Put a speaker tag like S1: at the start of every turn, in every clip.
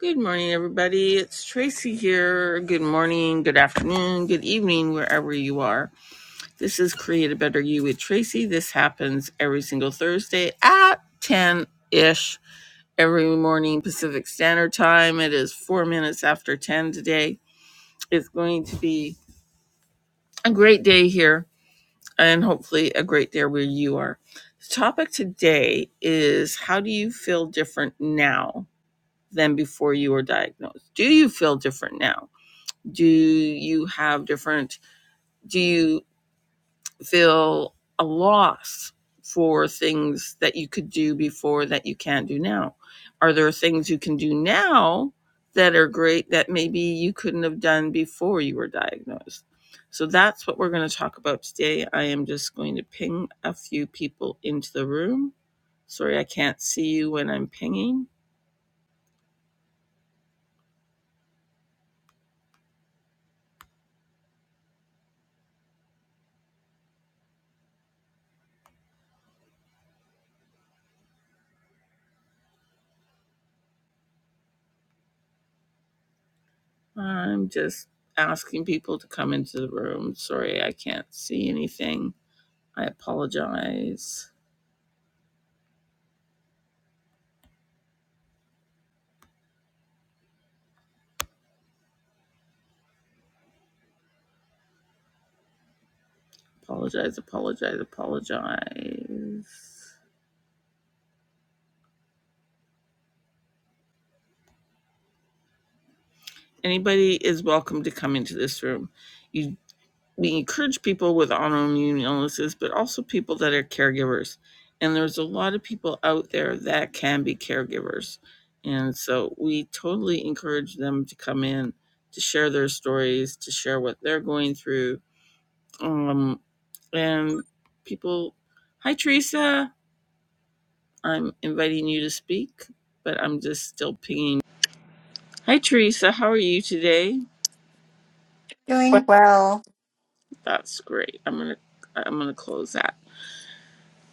S1: Good morning, everybody. It's Tracy here. Good morning, good afternoon, good evening, wherever you are. This is Create a Better You with Tracy. This happens every single Thursday at 10 ish every morning Pacific Standard Time. It is four minutes after 10 today. It's going to be a great day here and hopefully a great day where you are. The topic today is how do you feel different now than before you were diagnosed? Do you feel different now? Do you have different, do you feel a loss for things that you could do before that you can't do now? Are there things you can do now that are great that maybe you couldn't have done before you were diagnosed? So that's what we're going to talk about today. I am just going to ping a few people into the room. Sorry, I can't see you when I'm pinging. I'm just asking people to come into the room. Sorry, I can't see anything. I apologize. Apologize, apologize, apologize. Anybody is welcome to come into this room. You, we encourage people with autoimmune illnesses, but also people that are caregivers. And there's a lot of people out there that can be caregivers. And so we totally encourage them to come in to share their stories, to share what they're going through. Um, and people, hi, Teresa. I'm inviting you to speak, but I'm just still pinging. Hi, Teresa. How are you today?
S2: Doing well.
S1: That's great. I'm gonna I'm gonna close that.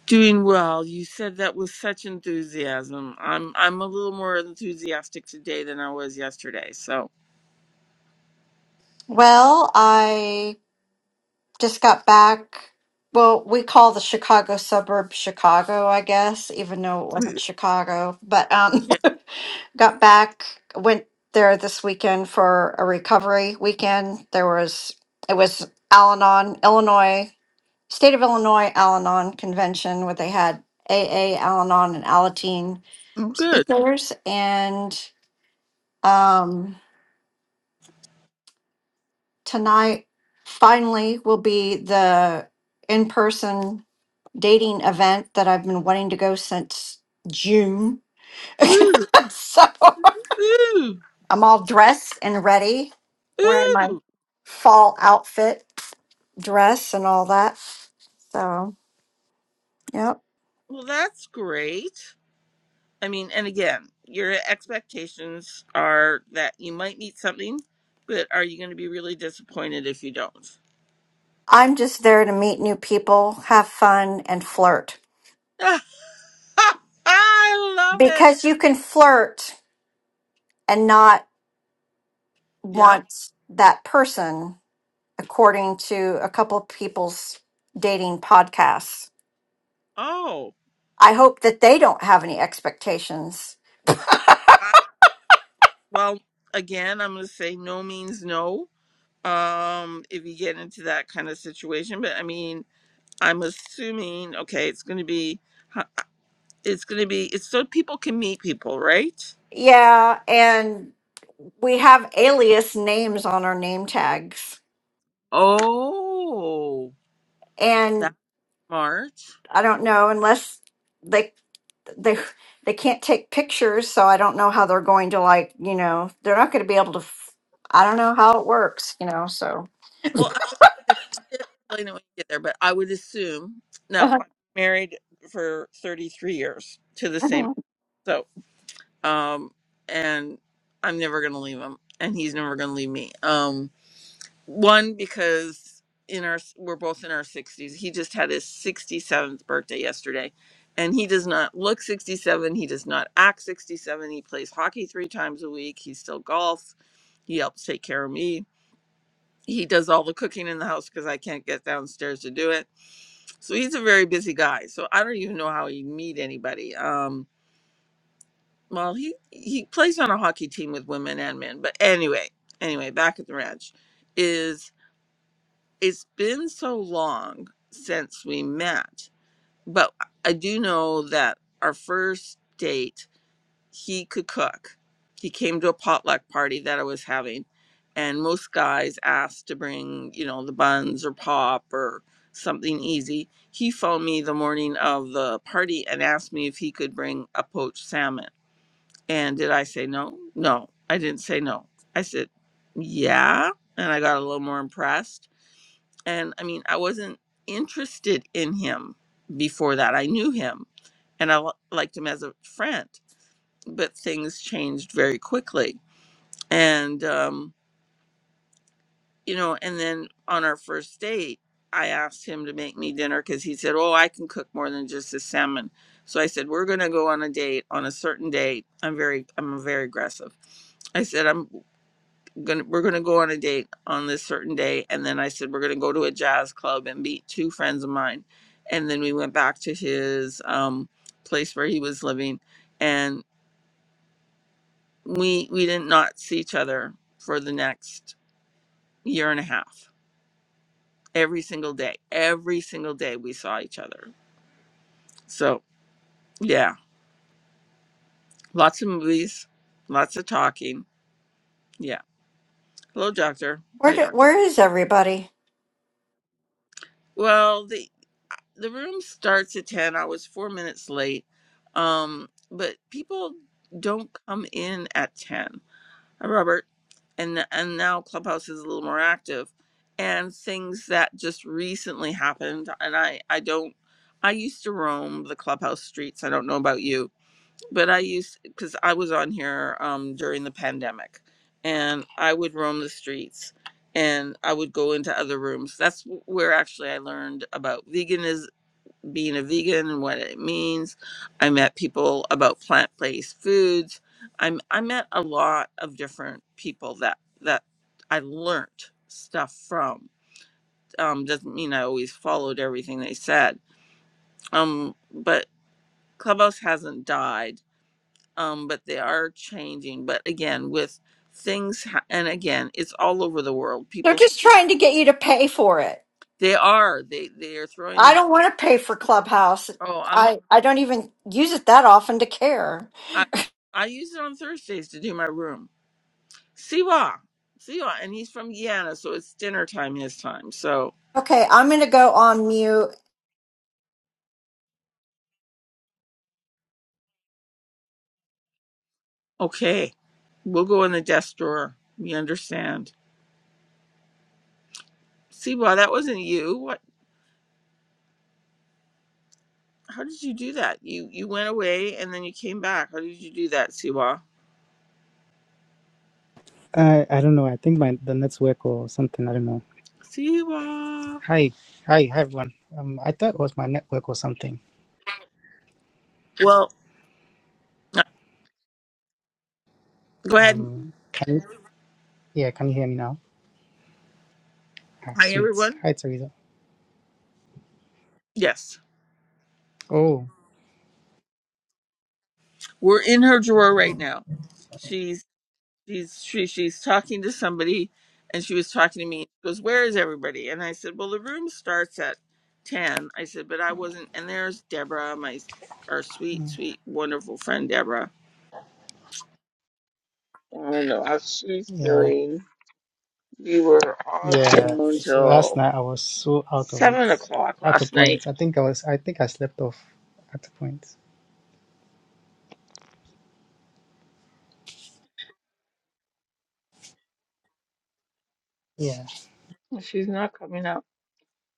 S1: Doing well. You said that with such enthusiasm. I'm I'm a little more enthusiastic today than I was yesterday. So
S2: Well, I just got back. Well, we call the Chicago suburb Chicago, I guess, even though it wasn't Chicago. But um,
S1: yeah,
S2: got back, went there this weekend for a recovery weekend. There was, it was Al Anon, Illinois, State of Illinois Al Anon convention where they had AA, Al Anon, and Alateen
S1: I'm good.
S2: speakers. And um, tonight finally will be the in person dating event that I've been wanting to go since June.
S1: Ooh,
S2: so
S1: ooh,
S2: I'm all dressed and ready, wearing my
S1: ooh.
S2: fall outfit dress and all that. So, yep.
S1: Well, that's great. I mean, and again, your expectations are that you might meet something, but are you going to be really disappointed if you don't?
S2: I'm just there to meet new people, have fun, and flirt
S1: I love it.
S2: because you can flirt and not
S1: Yep.
S2: want that person according to a couple of people's dating podcasts.
S1: Oh.
S2: I hope that they don't have any expectations.
S1: I, well, again, I'm going to say no means no. Um, if you get into that kind of situation, but I mean, I'm assuming okay, it's going to be, huh, it's going to be, it's so people can meet people, right?
S2: Yeah, and we have alias names on our name tags.
S1: Oh, that
S2: And
S1: smart.
S2: I don't know unless they they they can't take pictures, so I don't know how they're going to like, you know, they're not going to be able to f- I don't know how it works, you know, so
S1: Well, I would they'll probably explain it when you get there, but I would assume. Now, I'm
S2: where
S1: married for 33 years to the same. So. um, and I'm never gonna leave him, and he's never gonna leave me. Um, one because in our we're both in our 60s. He just had his 67th birthday yesterday, and he does not look 67. He does not act 67. He plays hockey three times a week. He still golfs. He helps take care of me. He does all the cooking in the house because I can't get downstairs to do it. So he's a very busy guy. So I don't even know how he'd meet anybody. Um, well he he plays on a hockey team with women and men but anyway anyway back at the ranch is it's been so long since we met but i do know that our first date he could cook he came to a potluck party that i was having and most guys asked to bring you know the buns or pop or something easy he phoned me the morning of the party and asked me if he could bring a poached salmon and did I say no? No, I didn't say no. I said, yeah. And I got a little more impressed. And I mean, I wasn't interested in him before that. I knew him and I li- liked him as a friend, but things changed very quickly. And, um, you know, and then on our first date, I asked him to make me dinner because he said, Oh, I can cook more than just a salmon. So I said, We're going to go on a date on a certain date. I'm very, I'm very aggressive. I said, I'm gonna we're gonna go on a date on this certain day and then i said we're gonna go to a jazz club and meet two friends of mine and then we went back to his um place where he was living and we we did not see each other for the next year and a half every single day every single day we saw each other so yeah lots of movies lots of talking yeah hello doctor bye
S2: do,
S1: doctor
S2: where is everybody?
S1: well the. the room starts at 10 i was four minutes late um but people don't come in at 10 Hi, robert and and now clubhouse is a little more active and things that just recently happened and i i don't i used to roam the clubhouse streets i don't know about you but i used because i was on here um during the pandemic and i would roam the streets and i would go into other rooms that's where actually i learned about veganism being a vegan and what it means. I met people about plant-based foods. I'm I met a lot of different people that that I learnt stuff from. Um, doesn't mean I always followed everything they said. Um, but Clubhouse hasn't died. Um, but they are changing. But again, with things ha- and again, it's all over the world.
S2: They're
S1: People
S2: just trying to get you to pay for it.
S1: they are they they are throwing
S2: I
S1: these.
S2: don't want to pay for Clubhouse.
S1: Oh, I'm
S2: I, I don't even use it that often to care.
S1: I I use it on Thursdays to do my room Siwa. Siwa. And he's from Guyana, so it's dinner time his time. So,
S2: Okay, I'm going to go on mute.
S1: okay. We'll go in the desk drawer. We understand. Siwa, that wasn't you. What? How did you do that? You you went away and then you came back. How did you do that, Siwa?
S3: I I don't know. I think my the network or something. I don't know.
S1: Siwa.
S3: Hi, hi, hi everyone. Um, I thought it was my network or something.
S1: Well, go ahead.
S3: Um, can you, yeah, can you hear me now? Ah,
S1: Hi,
S3: sweet.
S1: everyone.
S3: Hi, Teresa.
S1: Yes.
S3: Oh,
S1: We're in her drawer right now. she's she, she's talking to somebody and she was talking to me she goes where is everybody and i said well the room starts at 10 i said but i wasn't and there's deborah my our sweet sweet wonderful friend deborah i don't know how she's
S3: yeah,
S1: feeling we were on the
S3: yeah.
S1: phone
S3: Last
S1: until
S3: night I was so out of it.
S1: 7 o'clock
S3: At a
S1: last night
S3: point, I think I was. I think I slept off. At a point. Yeah,
S1: Well, she's not coming up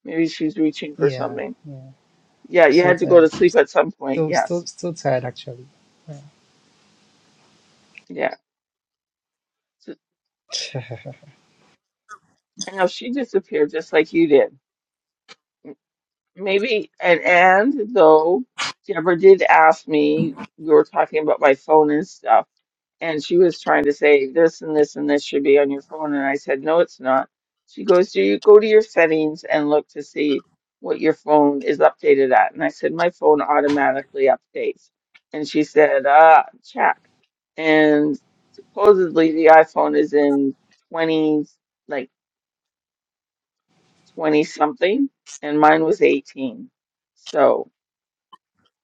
S1: maybe she's reaching for
S3: yeah.
S1: something yeah you
S3: So
S1: had to go
S3: tired.
S1: to sleep at some point
S3: Still, still,
S1: yes
S3: still tired actually.
S1: yeah So- i know she disappeared just like you did Maybe and and though Deborah did ask me, we were talking about my phone and stuff, and she was trying to say this and this and this should be on your phone, and I said no, it's not. She goes, do you go to your settings and look to see what your phone is updated at? And I said my phone automatically updates, and she said, ah, check. And supposedly the iPhone is in twenty, like twenty something, and mine was eighteen. So.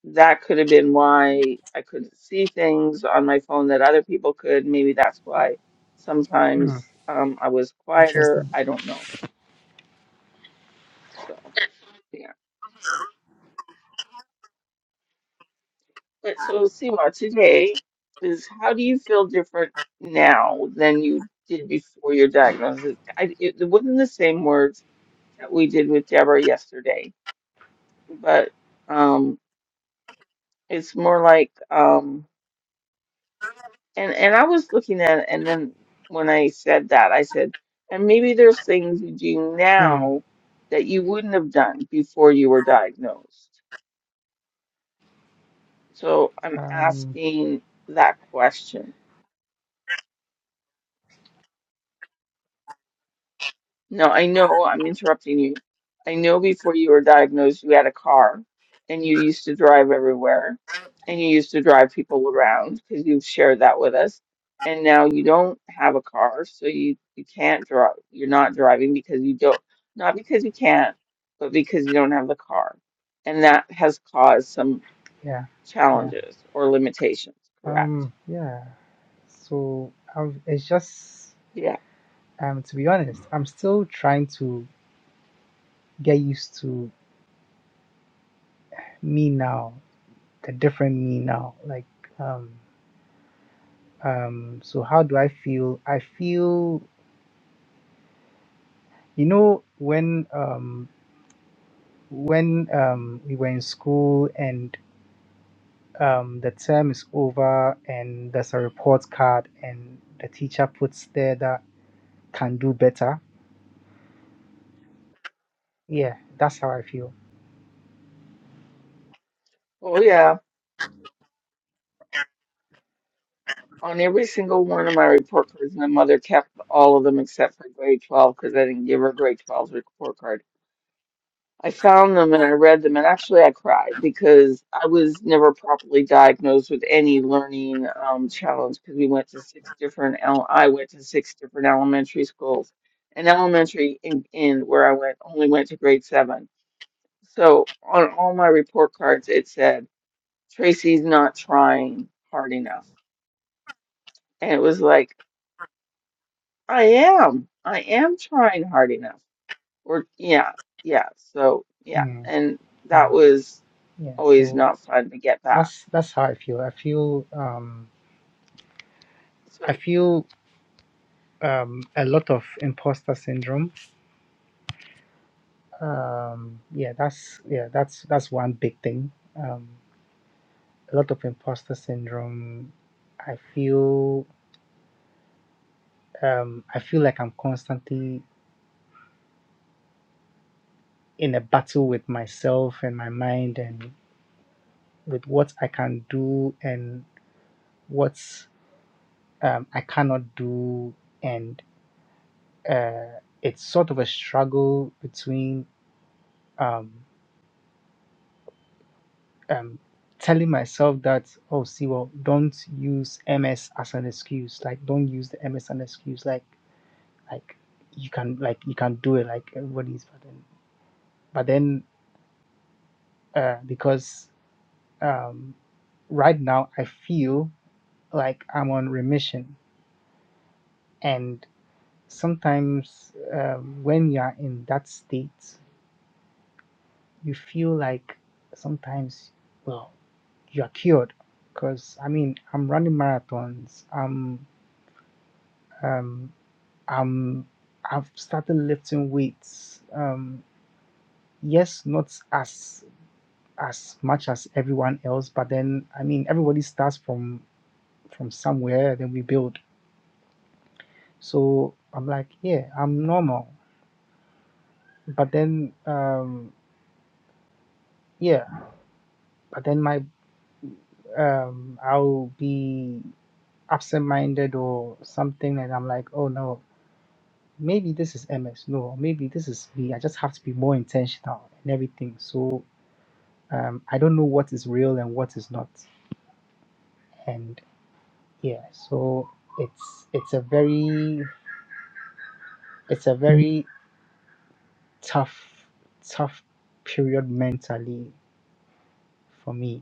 S1: that could have been why I couldn't see things on my phone that other people could. Maybe that's why
S3: hmm,
S1: sometimes um, I was quieter.
S3: interesting.
S1: I don't know. So, yeah. But so, Siwa, today is how do you feel different now than you did before your diagnosis? I, it, it wasn't the same words that we did with Deborah yesterday, but um, it's more like. um, And and I was looking at it, and then when I said that, I said, and maybe there's things you do
S3: Hmm.
S1: now that you wouldn't have done before you were diagnosed. So I'm
S3: Um.
S1: asking that question. No, I know I'm interrupting you. I know before you were diagnosed, you had a car and you used to drive everywhere and you used to drive people around because you've shared that with us. And now you don't have a car, so you, you can't drive. You're not driving because you don't, not because you can't, but because you don't have the car. And that has caused some
S3: Yeah. Yeah.
S1: challenges or limitations, correct?
S3: Um. Yeah. So um, it's just
S1: Yeah.
S3: um, to be honest, I'm still trying to get used to me now, the different me now. Like um um so how do I feel? I feel you know when um when um we were in school and um the term is over and there's a report card and the teacher puts there that can do better. Yeah, that's how I feel.
S1: Oh, yeah. On every single one of my report cards, my mother kept all of them except for grade 12 because I didn't give her grade twelve's report card. I found them and I read them, and actually I cried because I was never properly diagnosed with any learning um, challenge because we went to six different, el- I went to six different elementary schools. And elementary in, in where I went only went to grade seven. So on all my report cards, it said, Tracy's not trying hard enough. And it was like, I am. I am trying hard enough. Or yeah, yeah. So yeah,
S3: Mm,
S1: and that
S3: yeah,
S1: was
S3: yeah.
S1: always
S3: So
S1: not fun to get back.
S3: That's that's how I feel. I feel um I
S1: So
S3: feel um a lot of imposter syndrome. Um yeah, that's yeah, that's that's one big thing. Um a lot of imposter syndrome. I feel um I feel like I'm constantly in a battle with myself and my mind and with what I can do and what um I cannot do and uh it's sort of a struggle between um. um telling myself that oh see well don't use ms as an excuse like don't use the ms as an excuse like like you can like you can do it like everybody's but then but then uh because um right now i feel like i'm on remission and sometimes uh, when you are in that state you feel like sometimes well you are cured because i mean i'm running marathons i'm Um, I'm I've started lifting weights. Um, yes, not as as much as everyone else, but then I mean everybody starts from from somewhere, then we build. So I'm like, yeah, I'm normal. But then um, yeah, but then my um, I'll be absent minded or something, and I'm like, oh no, maybe this is MS. No, maybe this is me. I just have to be more intentional and everything. So um, I don't know what is real and what is not. And yeah, so it's it's a very it's a very tough tough period mentally for me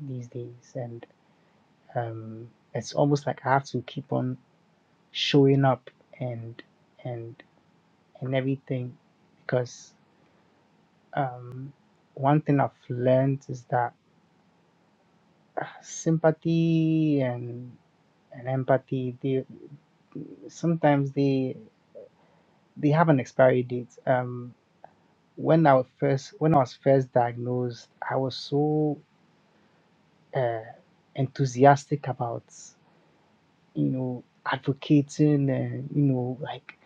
S3: these days, and um, it's almost like I have to keep on showing up and and and everything because um, one thing I've learned is that uh, sympathy and and empathy they sometimes they they have an expiry date. Um, when I was first when I was first diagnosed, I was so uh, enthusiastic about you know advocating and you know like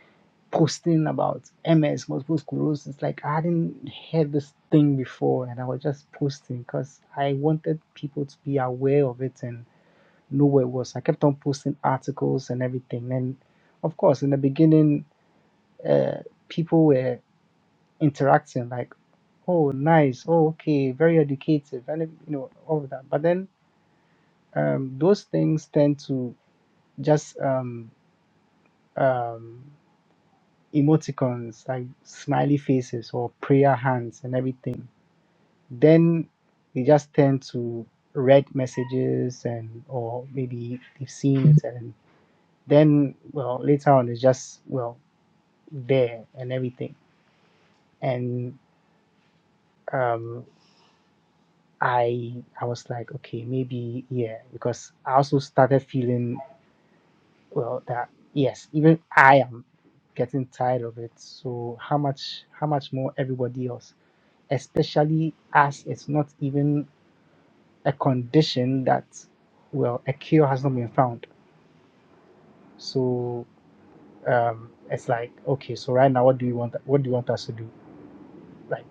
S3: posting about MS multiple sclerosis. Like I hadn't heard this thing before, and I was just posting because I wanted people to be aware of it and know where it was. I kept on posting articles and everything, and of course, in the beginning, uh, people were interacting like oh nice oh, okay very educative and you know all of that but then um those things tend to just um um emoticons like smiley faces or prayer hands and everything then they just tend to read messages and or maybe they've seen it and then well later on it's just well there and everything and um I I was like, okay, maybe yeah, because I also started feeling well that yes, even I am getting tired of it. So how much how much more everybody else, especially as it's not even a condition that well a cure has not been found. So um, it's like okay, so right now what do you want? What do you want us to do? Like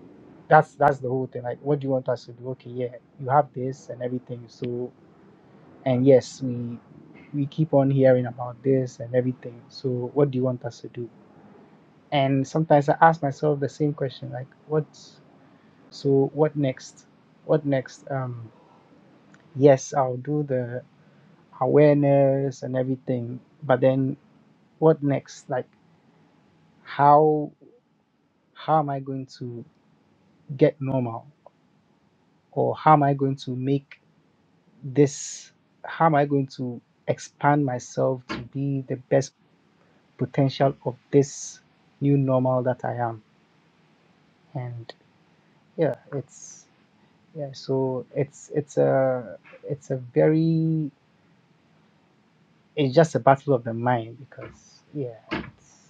S3: that's that's the whole thing. Like what do you want us to do? Okay, yeah, you have this and everything. So And yes, we we keep on hearing about this and everything. So what do you want us to do? And sometimes I ask myself the same question, like what so what next? What next? Um yes, I'll do the awareness and everything, but then what next? Like how how am I going to get normal? Or how am I going to make this how am I going to expand myself to be the best potential of this new normal that I am. And yeah, it's yeah, so it's it's a it's a very it's just a battle of the mind because yeah, it's,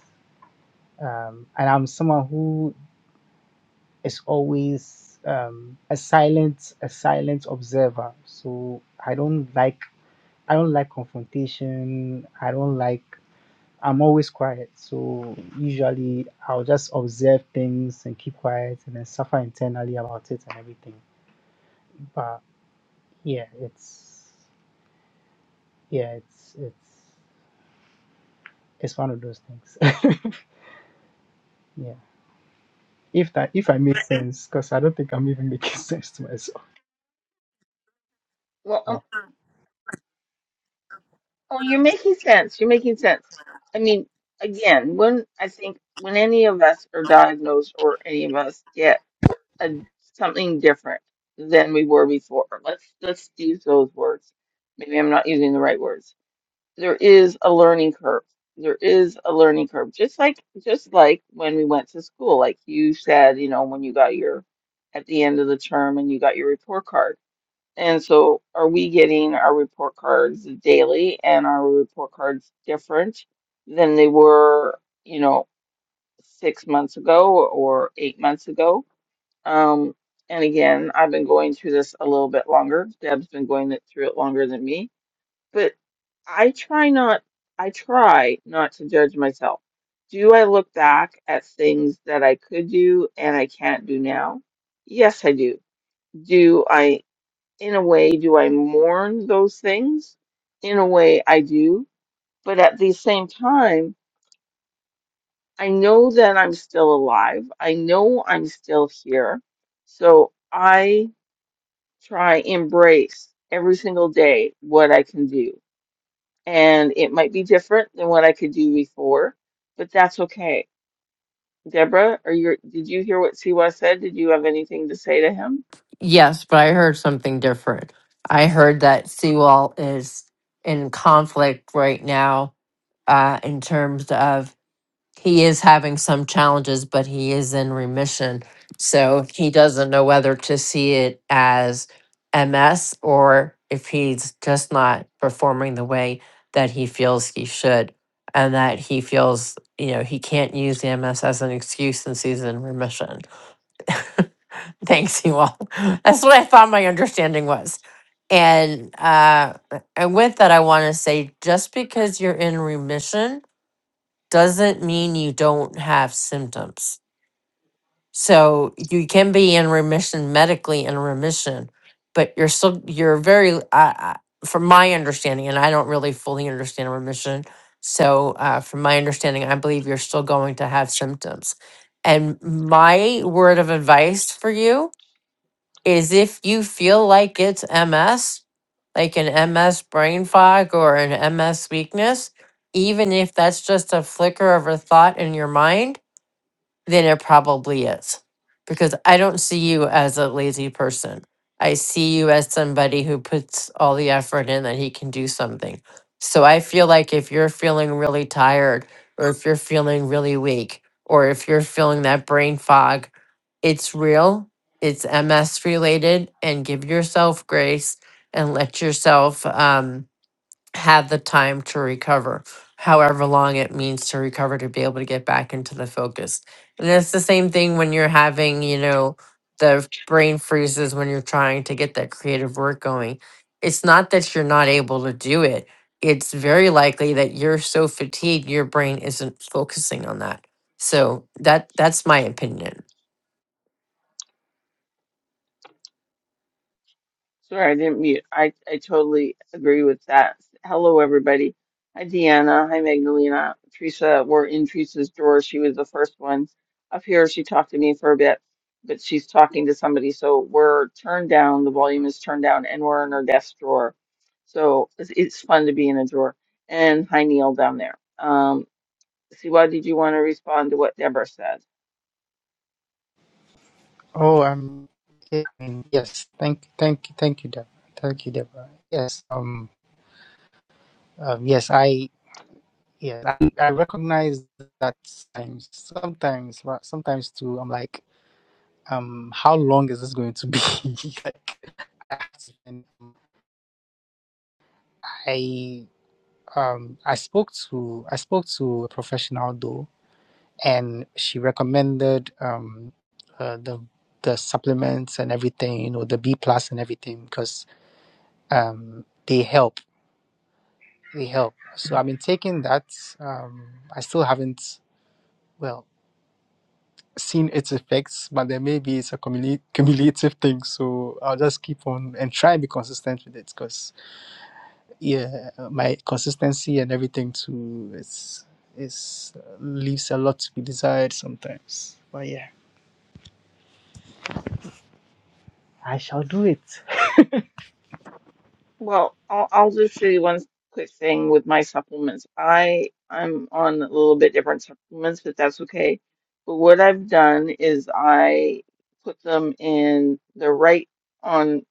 S3: um, and I'm someone who is always um, a silent a silent observer. So I don't like I don't like confrontation. I don't like I'm always quiet. So usually I'll just observe things and keep quiet and then suffer internally about it and everything. But yeah, it's yeah, it's it's it's one of those things. yeah. If that if I make sense, because I don't think I'm even making sense to myself.
S1: well,
S3: Yeah.
S1: um, oh, you're making sense. You're making sense. I mean, again, when I think when any of us are diagnosed or any of us get a, something different than we were before, let's let's use those words. Maybe I'm not using the right words there is a learning curve. There is a learning curve. Just like just like when we went to school, like you said, you know, when you got your at the end of the term and you got your report card. And so are we getting our report cards daily and are our report cards different than they were, you know, six months ago or eight months ago? Um, and again, I've been going through this a little bit longer. Deb's been going it- through it longer than me but I try not, I try not to judge myself. Do I look back at things that I could do and I can't do now? Yes, I do. Do I, in a way, do I mourn those things? In a way, I do. But at the same time, I know that I'm still alive. I know I'm still here. So I try embrace every single day what I can do and it might be different than what I could do before, but that's okay. Deborah, are you, did you hear what Siwa said? Did you have anything to say to him?
S4: Yes, but I heard something different. I heard that Sewell is in conflict right now uh, in terms of he is having some challenges, but he is in remission. So he doesn't know whether to see it as MS or if he's just not performing the way that he feels he should. And that he feels, you know, he can't use the MS as an excuse since he's in remission. Thanks, you all. That's what I thought my understanding was. And uh, and with that, I want to say just because you're in remission doesn't mean you don't have symptoms. So you can be in remission medically in remission, but you're still you're very uh, uh, from my understanding, and I don't really fully understand remission. So uh, from my understanding, I believe you're still going to have symptoms. And my word of advice for you is if you feel like it's MS, like an MS brain fog or an MS weakness, even if that's just a flicker of a thought in your mind then it probably is. Because I don't see you as a lazy person. I see you as somebody who puts all the effort in that he can do something. So I feel like if you're feeling really tired, or if you're feeling really weak, or if you're feeling that brain fog, it's real, it's MS related, and give yourself grace and let yourself. um, had the time to recover, however long it means to recover to be able to get back into the focus. And it's the same thing when you're having, you know, the brain freezes when you're trying to get that creative work going. It's not that you're not able to do it. It's very likely that you're so fatigued, your brain isn't focusing on that so that that's my opinion.
S1: Sorry, I didn't mute. I, I totally agree with that. Hello, everybody. Hi, Deanna. Hi, Magdalena. Teresa, we're in Teresa's drawer. She was the first one up here. She talked to me for a bit, but she's talking to somebody. So we're turned down. The volume is turned down, and we're in our desk drawer. So it's, it's fun to be in a drawer. And hi, Neil down there. Um, Siwa, did you want to respond to what Deborah said?
S3: Oh, I'm um, yes. Thank thank thank you, Deborah. Thank you, Deborah. Yes. Um. um yes. I yes. I, I recognize that sometimes. Sometimes. but Sometimes too. I'm like. um how long is this going to be like I have to- and I, um i spoke to i spoke to a professional though and she recommended um uh, the the supplements and everything you know the b plus and everything because um they help they help so i've been taking that um i still haven't well seen its effects but then maybe it's a cumuli- cumulative thing so i'll just keep on and try and be consistent with it because yeah, uh, my consistency and everything too is is leaves a lot to be desired sometimes. But yeah, I shall do it.
S1: Well, I'll, I'll just say one quick thing with my supplements. I I'm on a little bit different supplements, but that's okay. But what I've done is I put them in the right on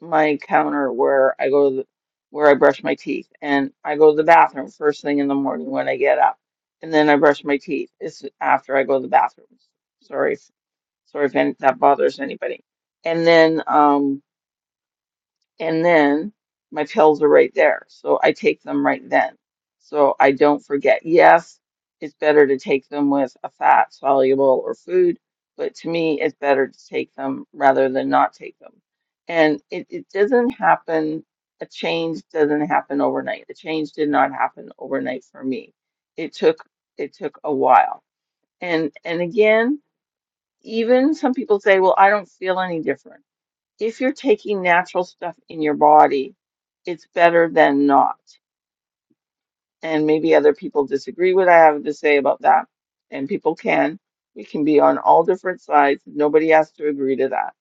S1: my counter where I go to the, where I brush my teeth, and I go to the bathroom first thing in the morning when I get up, and then I brush my teeth. It's after I go to the bathroom. Sorry, if- sorry if any, that bothers anybody. And then um and then my pills are right there. So I take them right then. So I don't forget. Yes, it's better to take them with a fat soluble or food, but to me, it's better to take them rather than not take them. And it, it doesn't happen, a change doesn't happen overnight. The change did not happen overnight for me. It took it took a while. And and again, even some people say, well, I don't feel any different if you're taking natural stuff in your body, it's better than not. And maybe other people disagree what I have to say about that. And people can. We can be on all different sides. Nobody has to agree to that.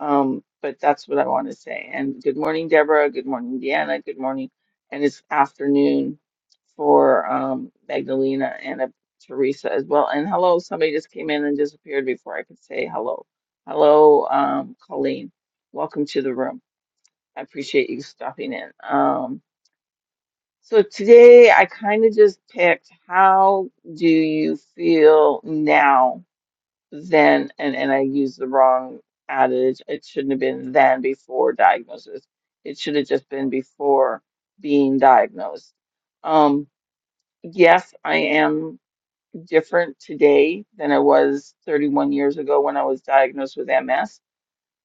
S1: Um, but that's what I want to say. And good morning, Deborah. Good morning, Deanna. Good morning. And it's afternoon for um, Magdalena and uh, Teresa as well. And hello, somebody just came in and disappeared before I could say hello. Hello, um, Colleen. Welcome to the room. I appreciate you stopping in. Um, so today I kind of just picked how do you feel now then and, and I used the wrong adage. It shouldn't have been then before diagnosis. It should have just been before being diagnosed. Um, yes, I am different today than I was 31 years ago when I was diagnosed with MS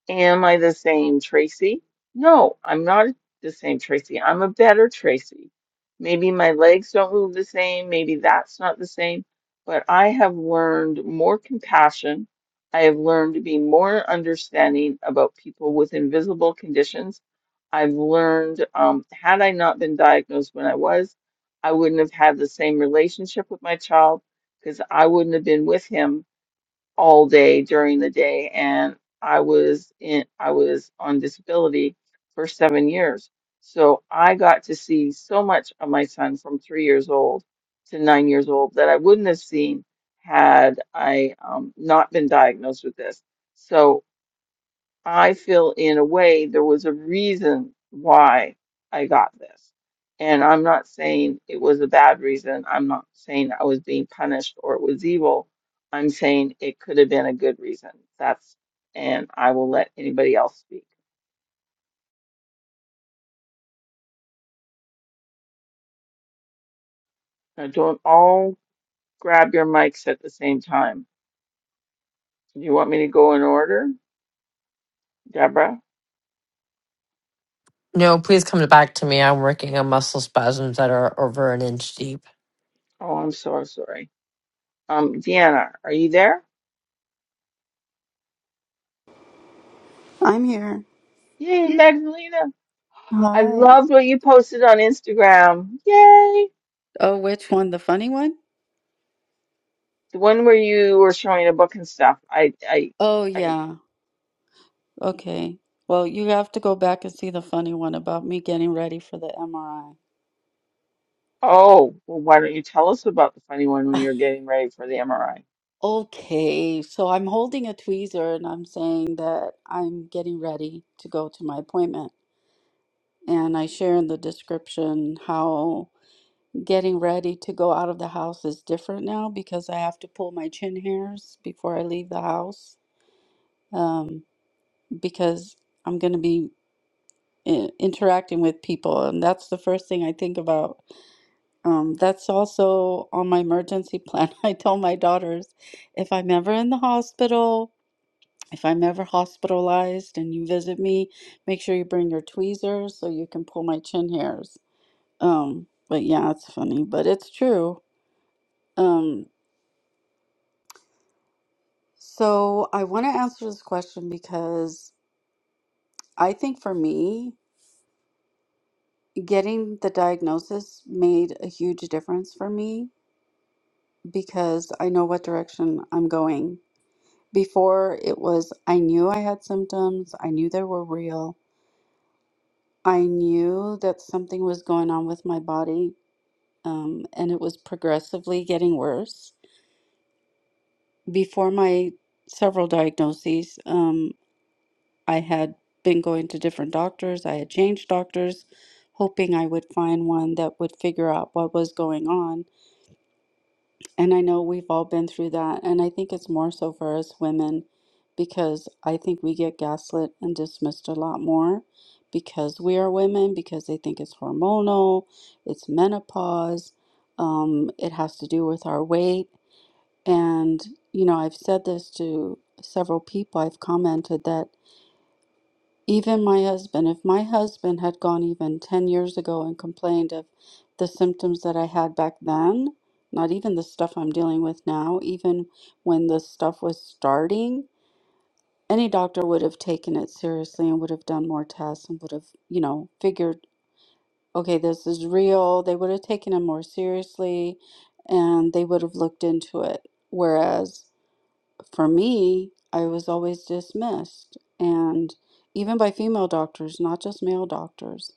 S1: Am I the same Tracy? No, I'm not the same Tracy. I'm a better Tracy. Maybe my legs don't move the same. Maybe that's not the same. But I have learned more compassion. I have learned to be more understanding about people with invisible conditions. I've learned, um, had I not been diagnosed when I was, I wouldn't have had the same relationship with my child because I wouldn't have been with him all day during the day and I was in I was on disability for 7 years. So I got to see so much of my son from 3 years old to 9 years old that I wouldn't have seen had I um, not been diagnosed with this. So. I feel in a way there was a reason why I got this. And I'm not saying it was a bad reason. I'm not saying I was being punished or it was evil. I'm saying it could have been a good reason. That's, and I will let anybody else speak. Now, don't all grab your mics at the same time. Do you want me to go in order? Deborah?
S4: No, please come back to me. I'm working on muscle spasms that are over an inch deep.
S1: Oh, I'm so sorry. Um, Deanna, are you there?
S5: I'm here.
S1: Yay, Magdalena. I
S5: Hi.
S1: loved what you posted on Instagram. Yay.
S5: Oh, which one? The funny one?
S1: The one where you were showing a book and stuff. I, I,
S5: Oh,
S1: I,
S5: yeah. Okay. Well, you have to go back and see the funny one about me getting ready for the MRI.
S1: oh, well, why don't you tell us about the funny one when you're getting ready for the MRI?
S5: Okay. So I'm holding a tweezer and I'm saying that I'm getting ready to go to my appointment. And I share in the description how getting ready to go out of the house is different now because I have to pull my chin hairs before I leave the house. Um, because I'm going to be i- interacting with people and that's the first thing i think about um, that's also on my emergency plan i tell my daughters if i'm ever in the hospital if i'm ever hospitalized and you visit me make sure you bring your tweezers so you can pull my chin hairs um, but yeah it's funny but it's true um, so i want to answer this question because i think for me getting the diagnosis made a huge difference for me because I know what direction I'm going. Before it was, I knew I had symptoms, I knew they were real, I knew that something was going on with my body, um, and it was progressively getting worse. Before my several diagnoses, um, I had been going to different doctors, I had changed doctors, hoping I would find one that would figure out what was going on And I know we've all been through that. And I think it's more so for us women because I think we get gaslit and dismissed a lot more because we are women, because they think it's hormonal, it's menopause, um, it has to do with our weight. And, you know, I've said this to several people, I've commented that. Even my husband, if my husband had gone even 10 years ago and complained of the symptoms that I had back then, not even the stuff I'm dealing with now, even when the stuff was starting, any doctor would have taken it seriously and would have done more tests and would have, you know, figured, okay, this is real. They would have taken it more seriously and they would have looked into it. Whereas for me, I was always dismissed, and even by female doctors, not just male doctors.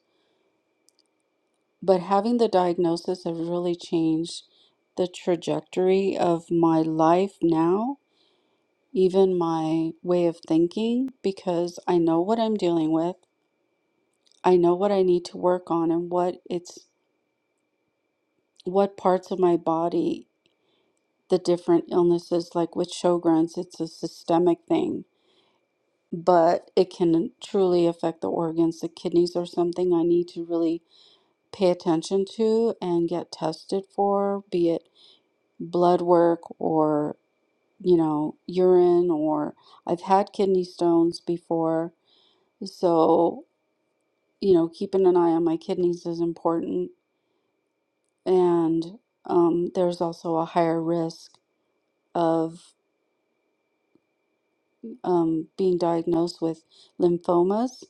S5: But having the diagnosis has really changed the trajectory of my life now, even my way of thinking, because I know what I'm dealing with. I know what I need to work on and what it's what parts of my body the different illnesses like with Sjogren's, it's a systemic thing but it can truly affect the organs. The kidneys are something I need to really pay attention to and get tested for, be it blood work or, you know, urine, or I've had kidney stones before. So, you know, keeping an eye on my kidneys is important. And um, there's also a higher risk of um, being diagnosed with lymphomas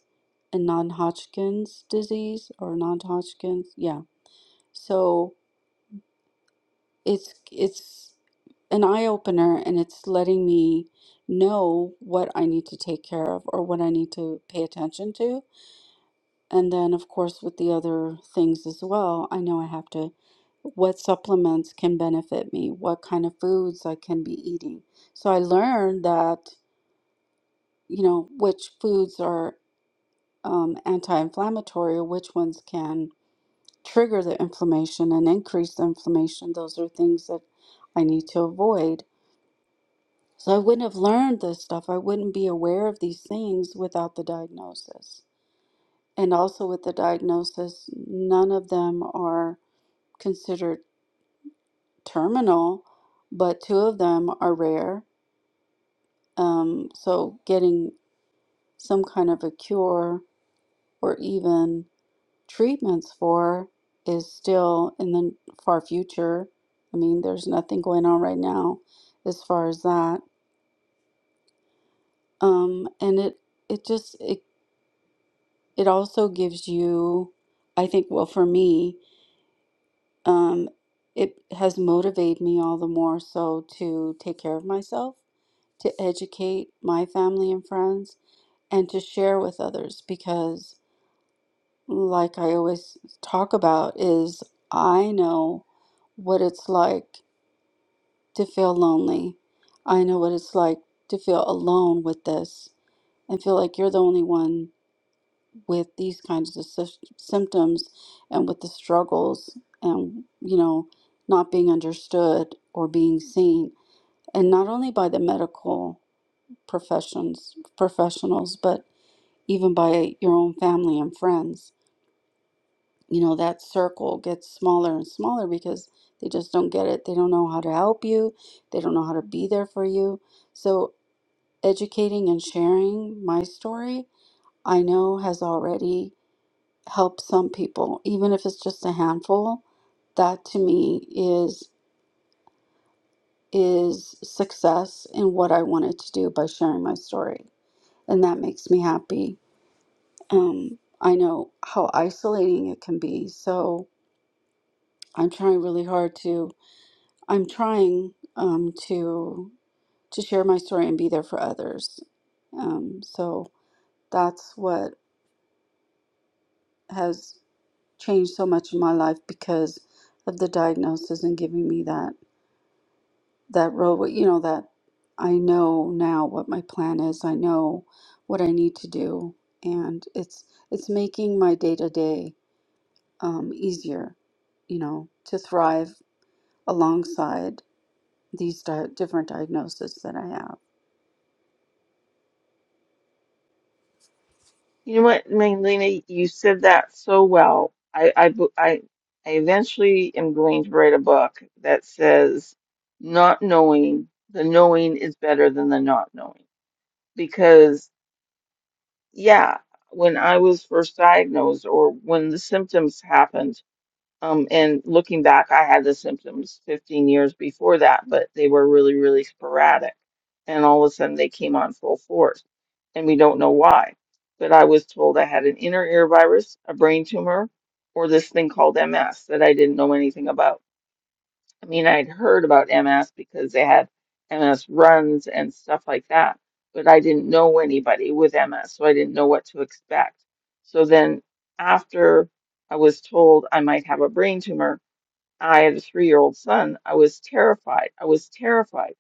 S5: and non-Hodgkin's disease or non-Hodgkin's. Yeah. So it's it's an eye opener and it's letting me know what I need to take care of or what I need to pay attention to. And then of course with the other things as well, I know I have to what supplements can benefit me, what kind of foods I can be eating. So I learned that, you know, which foods are um, anti-inflammatory which ones can trigger the inflammation and increase the inflammation. Those are things that I need to avoid. So I wouldn't have learned this stuff. I wouldn't be aware of these things without the diagnosis. And also with the diagnosis, none of them are considered terminal, but two of them are rare. Um, so getting some kind of a cure or even treatments for is still in the far future. I mean, there's nothing going on right now as far as that. Um, and it it just it it also gives you, I think, well, for me, um, it has motivated me all the more so to take care of myself, to educate my family and friends, and to share with others because, like I always talk about, is I know what it's like to feel lonely. I know what it's like to feel alone with this and feel like you're the only one with these kinds of sys- symptoms and with the struggles and, you know, not being understood or being seen. And not only by the medical professions, professionals, but even by your own family and friends. You know, that circle gets smaller and smaller because they just don't get it. They don't know how to help you. They don't know how to be there for you. So educating and sharing my story, I know has already helped some people, even if it's just a handful. That to me is is success in what I wanted to do by sharing my story, and that makes me happy. Um, I know how isolating it can be, so I'm trying really hard to. I'm trying um, to to share my story and be there for others. Um, so that's what has. changed so much in my life because of the diagnosis and giving me that that roadway you know that i know now what my plan is i know what i need to do and it's it's making my day to day um easier you know to thrive alongside these di- different diagnoses that i have
S1: You know what, Magdalena, you said that so well. I, I, bu- I, I eventually am going to write a book that says, not knowing, the knowing is better than the not knowing. Because, yeah, when I was first diagnosed or when the symptoms happened, Um, and looking back, I had the symptoms 15 years before that, but they were really, really sporadic. And all of a sudden they came on full force. And we don't know why. But I was told I had an inner ear virus, a brain tumor, or this thing called MS that I didn't know anything about. I mean, I'd heard about MS because they had MS runs and stuff like that, but I didn't know anybody with MS, so I didn't know what to expect. So then after I was told I might have a brain tumor, I had a three year old son. I was terrified. I was terrified.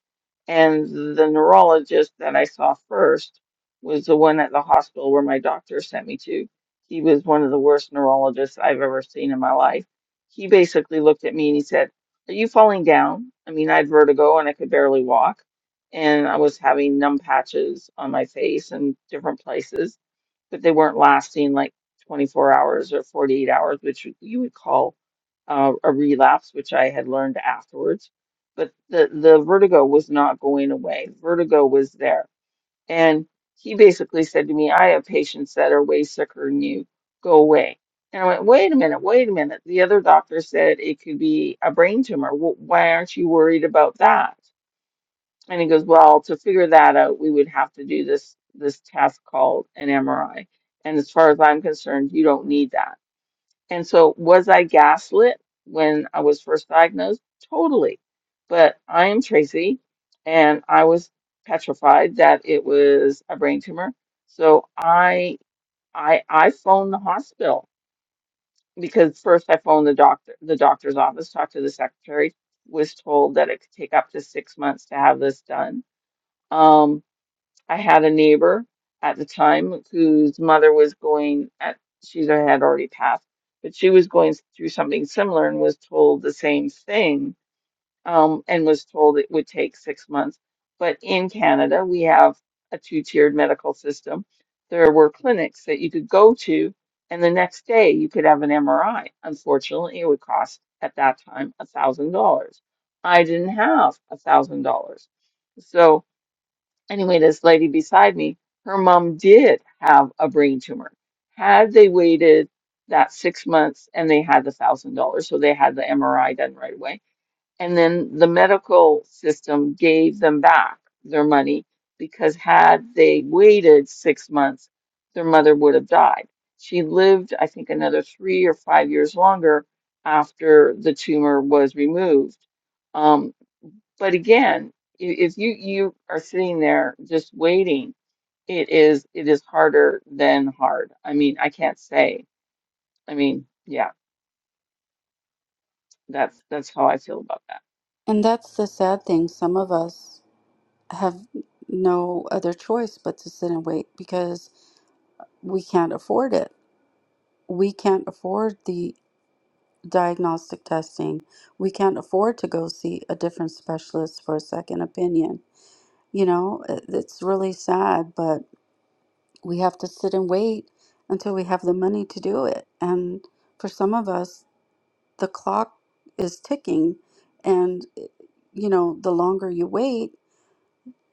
S1: And the neurologist that I saw first was the one at the hospital where my doctor sent me to. He was one of the worst neurologists I've ever seen in my life. He basically looked at me and he said, Are you falling down? I mean, I had vertigo and I could barely walk. And I was having numb patches on my face and different places, but they weren't lasting like 24 hours or 48 hours, which you would call uh, a relapse, which I had learned afterwards but the the vertigo was not going away. Vertigo was there, and he basically said to me, "I have patients that are way sicker than you. Go away." And I went, "Wait a minute, wait a minute." The other doctor said it could be a brain tumor. Wh- Why aren't you worried about that? And he goes, "Well, to figure that out, we would have to do this this test called an MRI. And as far as I'm concerned, you don't need that." And so, was I gaslit when I was first diagnosed? Totally. But I am Tracy, and I was petrified that it was a brain tumor. So I I I phoned the hospital because first I phoned the doctor, the doctor's office, talked to the secretary, was told that it could take up to six months to have this done. Um, I had a neighbor at the time whose mother was going at she had already passed, but she was going through something similar and was told the same thing, um, and was told it would take six months. But in Canada, we have a two-tiered medical system. There were clinics that you could go to, and the next day you could have an MRI. Unfortunately, it would cost at that time a thousand dollars. I didn't have a thousand dollars. So Anyway, this lady beside me, her mom did have a brain tumor. Had they waited that six months and they had the thousand dollars, so they had the MRI done right away. And then the medical system gave them back their money because had they waited six months, their mother would have died. She lived, I think, another three or five years longer after the tumor was removed. Um, but again, i- if you you are sitting there just waiting, it is it is harder than hard. I mean, I can't say. I mean, yeah, that's that's how I feel about that.
S5: and that's the sad thing some of us have no other choice but to sit and wait because we can't afford it we can't afford the diagnostic testing. We can't afford to go see a different specialist for a second opinion. You know, it- it's really sad, but we have to sit and wait until we have the money to do it. And for some of us, the clock is ticking and eh, you know, the longer you wait,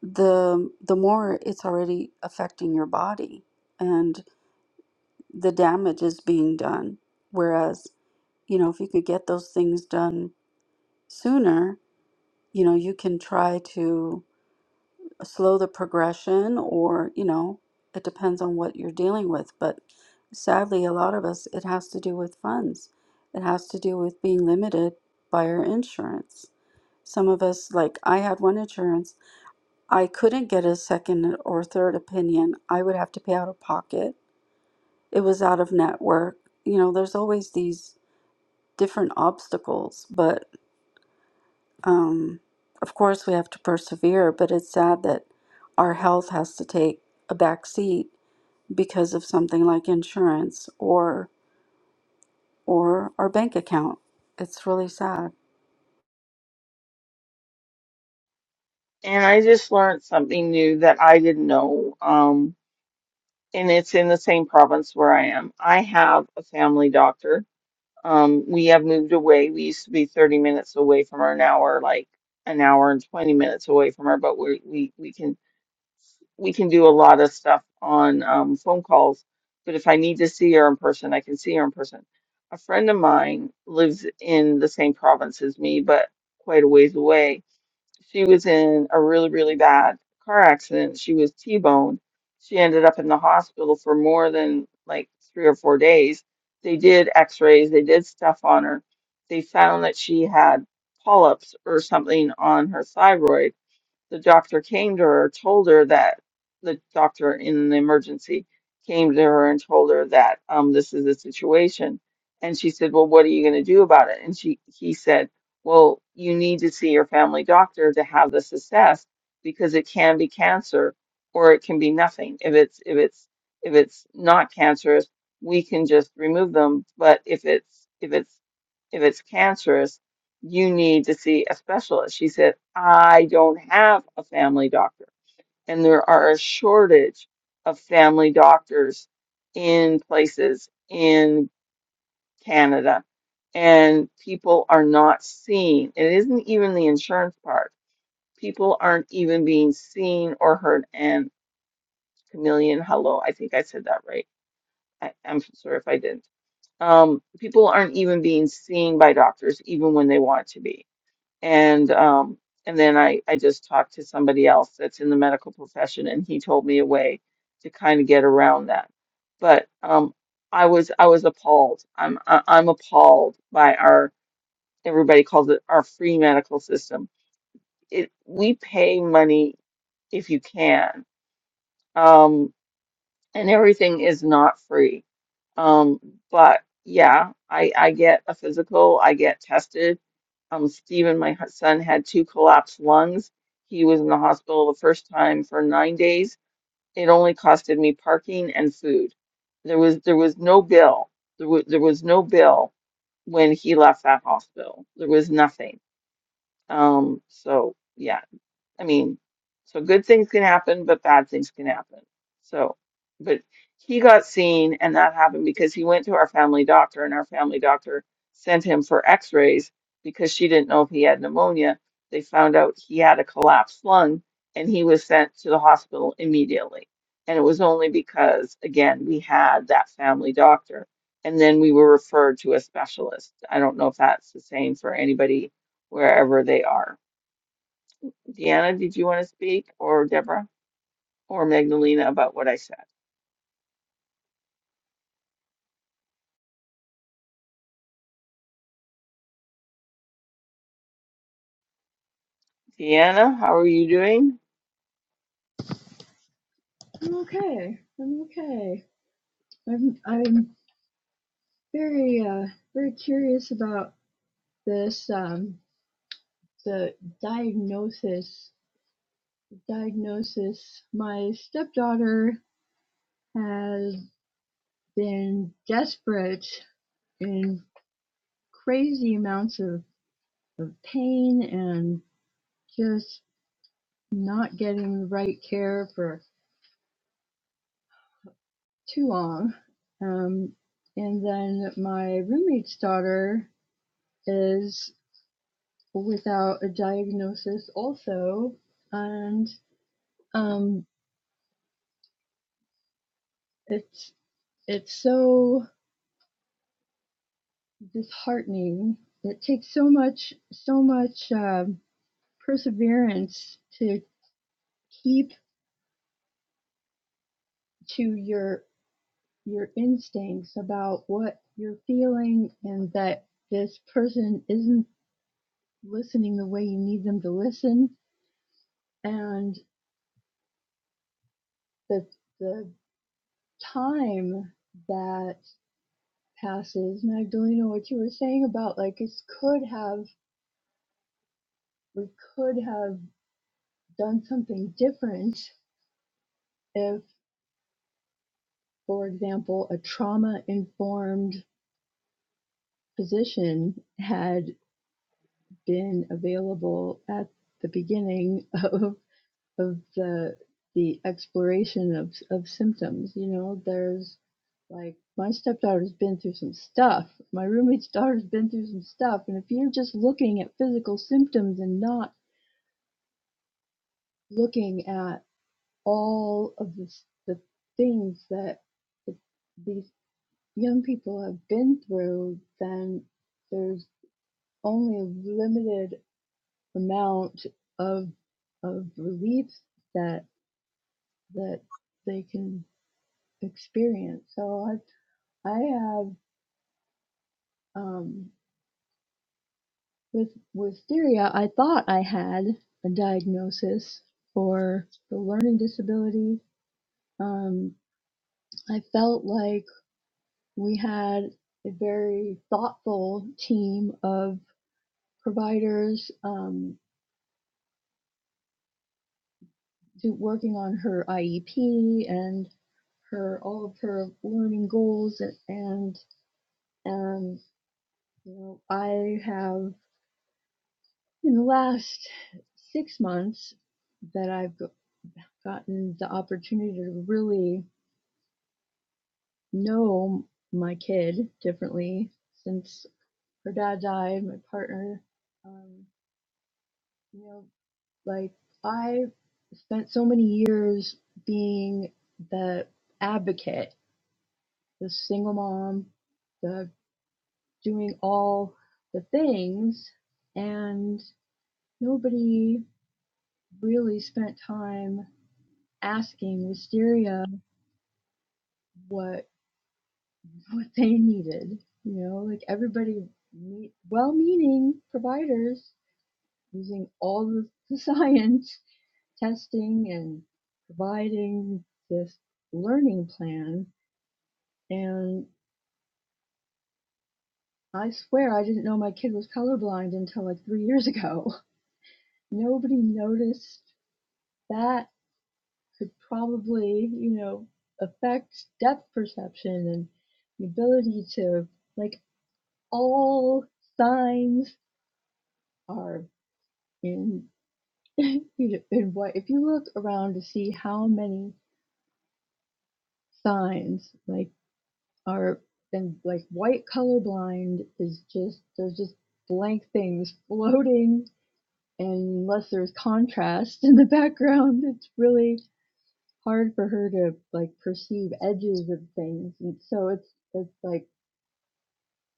S5: the the more it's already affecting your body and the damage is being done. Whereas, you know, if you could get those things done sooner, You know, you can try to slow the progression, or, you know, it depends on what you're dealing with. But sadly, a lot of us, it has to do with funds, it has to do with being limited by our insurance. Some of us, like I had one insurance, I couldn't get a second or third opinion. I would have to pay out of pocket. It was out of network. You know, there's always these different obstacles, but um, of course we have to persevere, but it's sad that our health has to take a back seat because of something like insurance or or our bank account. It's really sad.
S1: And I just learned something new that I didn't know. Um, and it's in the same province where I am. I have a family doctor. Um, we have moved away. We used to be 30 minutes away from her. Now we're like an hour and 20 minutes away from her, but we we we can we can do a lot of stuff on um, phone calls, but if I need to see her in person, I can see her in person. A friend of mine lives in the same province as me, but quite a ways away. She was in a really, really bad car accident. She was T-boned. She ended up in the hospital for more than like three or four days. They did x-rays, they did stuff on her. They found that she had polyps or something on her thyroid the doctor came to her, told her that the doctor in the emergency came to her and told her that um, this is the situation. And she said, "Well, what are you going to do about it?" And she he said, "Well, you need to see your family doctor to have this assessed because it can be cancer or it can be nothing. If it's if it's if it's not cancerous, we can just remove them. But if it's if it's if it's cancerous, you need to see a specialist. She said, I don't have a family doctor. And there are a shortage of family doctors in places in Canada. And people are not seen. It isn't even the insurance part. People aren't even being seen or heard. And Chameleon, hello, I think I said that right. I, I'm sorry if I didn't. Um, people aren't even being seen by doctors, even when they want to be and um and then I I just talked to somebody else that's in the medical profession and he told me a way to kind of get around that. But um I was I was appalled. I'm I- I'm appalled by our everybody calls it our free medical system. It we pay money if you can. Um and everything is not free. Um, but yeah, I I get a physical, I get tested. Um, Steven, my hu- son, had two collapsed lungs. He was in the hospital the first time for nine days. It only costed me parking and food. There was there was no bill. There was there was no bill when he left that hospital. There was nothing. Um, so yeah. I mean, so good things can happen, but bad things can happen. So, but he got seen, and that happened because he went to our family doctor, and our family doctor sent him for x rays because she didn't know if he had pneumonia. They found out he had a collapsed lung, and he was sent to the hospital immediately. And it was only because, again, we had that family doctor, and then we were referred to a specialist. I don't know if that's the same for anybody wherever they are Deanna, did you want to speak or Deborah or Magdalena about what I said? Deanna, how are you doing?
S6: I'm okay. I'm okay. I'm I'm very uh very curious about this um the diagnosis diagnosis. My stepdaughter has been desperate in crazy amounts of, of pain and just not getting the right care for too long. Um and then my roommate's daughter is. without a diagnosis also and um it's it's so disheartening it takes so much so much um, perseverance to keep to your your instincts about what you're feeling and that this person isn't listening the way you need them to listen and the the time that passes. Magdalena, what you were saying about like it could have we could have done something different if, for example, a trauma informed physician had been available at the beginning of of the the exploration of of symptoms. You know, there's like my stepdaughter's been through some stuff. My roommate's daughter's been through some stuff. And if you're just looking at physical symptoms and not looking at all of this, the things that th- these young people have been through, then there's only a limited amount of of relief that that they can experience. So I I have um, with wisteria. I thought I had a diagnosis for the learning disability. Um, I felt like we had a very thoughtful team of providers um, working on her IEP and her all of her learning goals and and, um, you know I have in the last six months that I've gotten the opportunity to really know my kid differently since her dad died, my partner. Um, you know, Like I spent so many years being the advocate, the single mom, the doing all the things, and nobody really spent time asking Wisteria what what they needed. You know, like everybody, me- well-meaning providers using all the, the science testing and providing this learning plan. And I swear I didn't know my kid was colorblind until like three years ago. Nobody noticed that could probably, you know, affect depth perception and the ability to, like, all signs are in, in what, if you look around to see how many signs, like, are and like white colorblind is just there's just blank things floating and unless there's contrast in the background it's really hard for her to like perceive edges of things and so it's it's like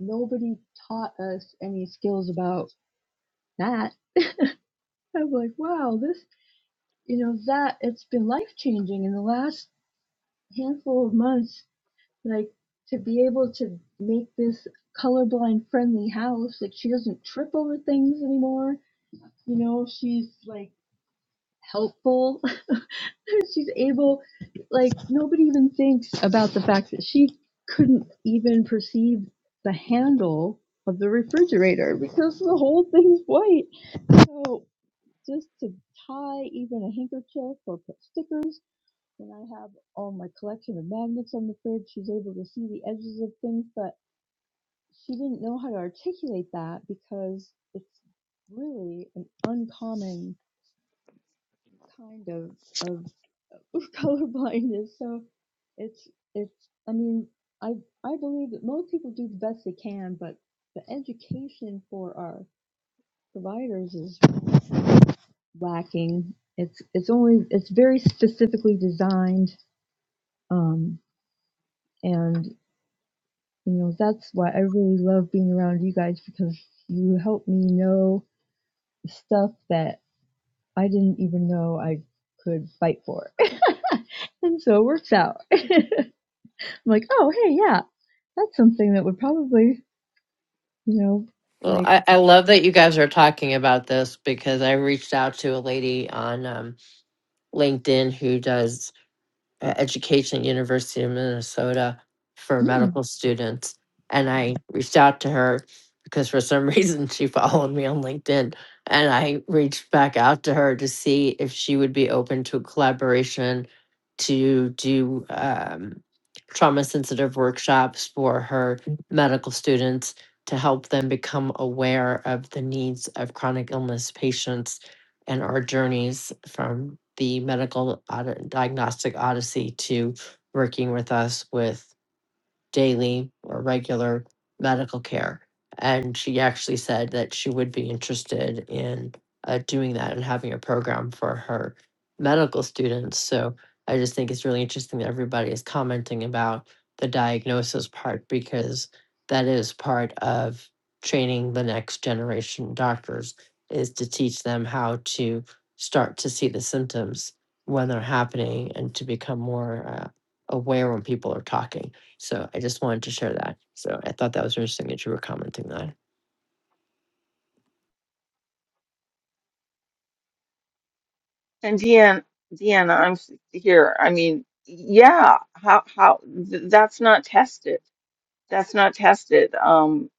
S6: nobody taught us any skills about that i'm like wow this you know that it's been life changing in the last handful of months like to be able to make this colorblind friendly house like she doesn't trip over things anymore you know she's like helpful she's able like nobody even thinks about the fact that she couldn't even perceive the handle of the refrigerator because the whole thing's white so just to tie even a handkerchief or put stickers when i have all my collection of magnets on the fridge she's able to see the edges of things but she didn't know how to articulate that because it's really an uncommon kind of of colorblindness. So it's it's I mean I I believe that most people do the best they can, but the education for our providers is lacking. It's it's only it's very specifically designed, um, and you know that's why I really love being around you guys because you help me know stuff that I didn't even know I could fight for. and so it works out. I'm like, oh, hey, yeah, that's something that would probably, you know,
S4: Well,
S6: like,
S4: I, I love that you guys are talking about this because I reached out to a lady on um, LinkedIn who does. uh, education, at University of Minnesota, for
S6: hmm,
S4: medical students. And I reached out to her because for some reason she followed me on LinkedIn. And I reached back out to her to see if she would be open to a collaboration to do um, trauma sensitive workshops for her medical students to help them become aware of the needs of chronic illness patients and our journeys from the medical od- diagnostic odyssey to working with us with daily or regular medical care. And she actually said that she would be interested in uh, doing that and having a program for her medical students. So I just think it's really interesting that everybody is commenting about the diagnosis part because that is part of training the next generation doctors is to teach them how to start to see the symptoms when they're happening and to become more uh, aware when people are talking. So I just wanted to share that. So I thought that was interesting that you were commenting that.
S1: And Deanna, Deanna, I'm s- here. I mean, yeah, how how th- that's not tested. That's not tested. Um,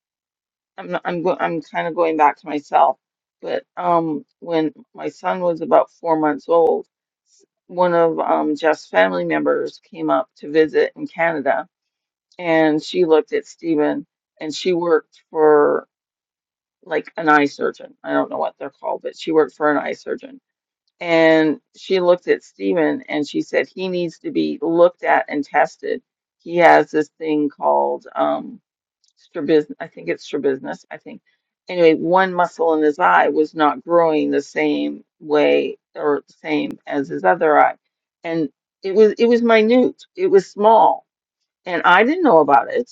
S1: I'm not, I'm go I'm kind of going back to myself, but um, when my son was about four months old, s- one of um Jeff's family members came up to visit in Canada, and she looked at Stephen and she worked for like an eye surgeon. I don't know what they're called, but she worked for an eye surgeon. And she looked at Stephen and she said he needs to be looked at and tested. He has this thing called um, strabismus. I think it's strabismus. I think. Anyway, one muscle in his eye was not growing the same way or the same as his other eye, and it was it was minute. It was small, and I didn't know about it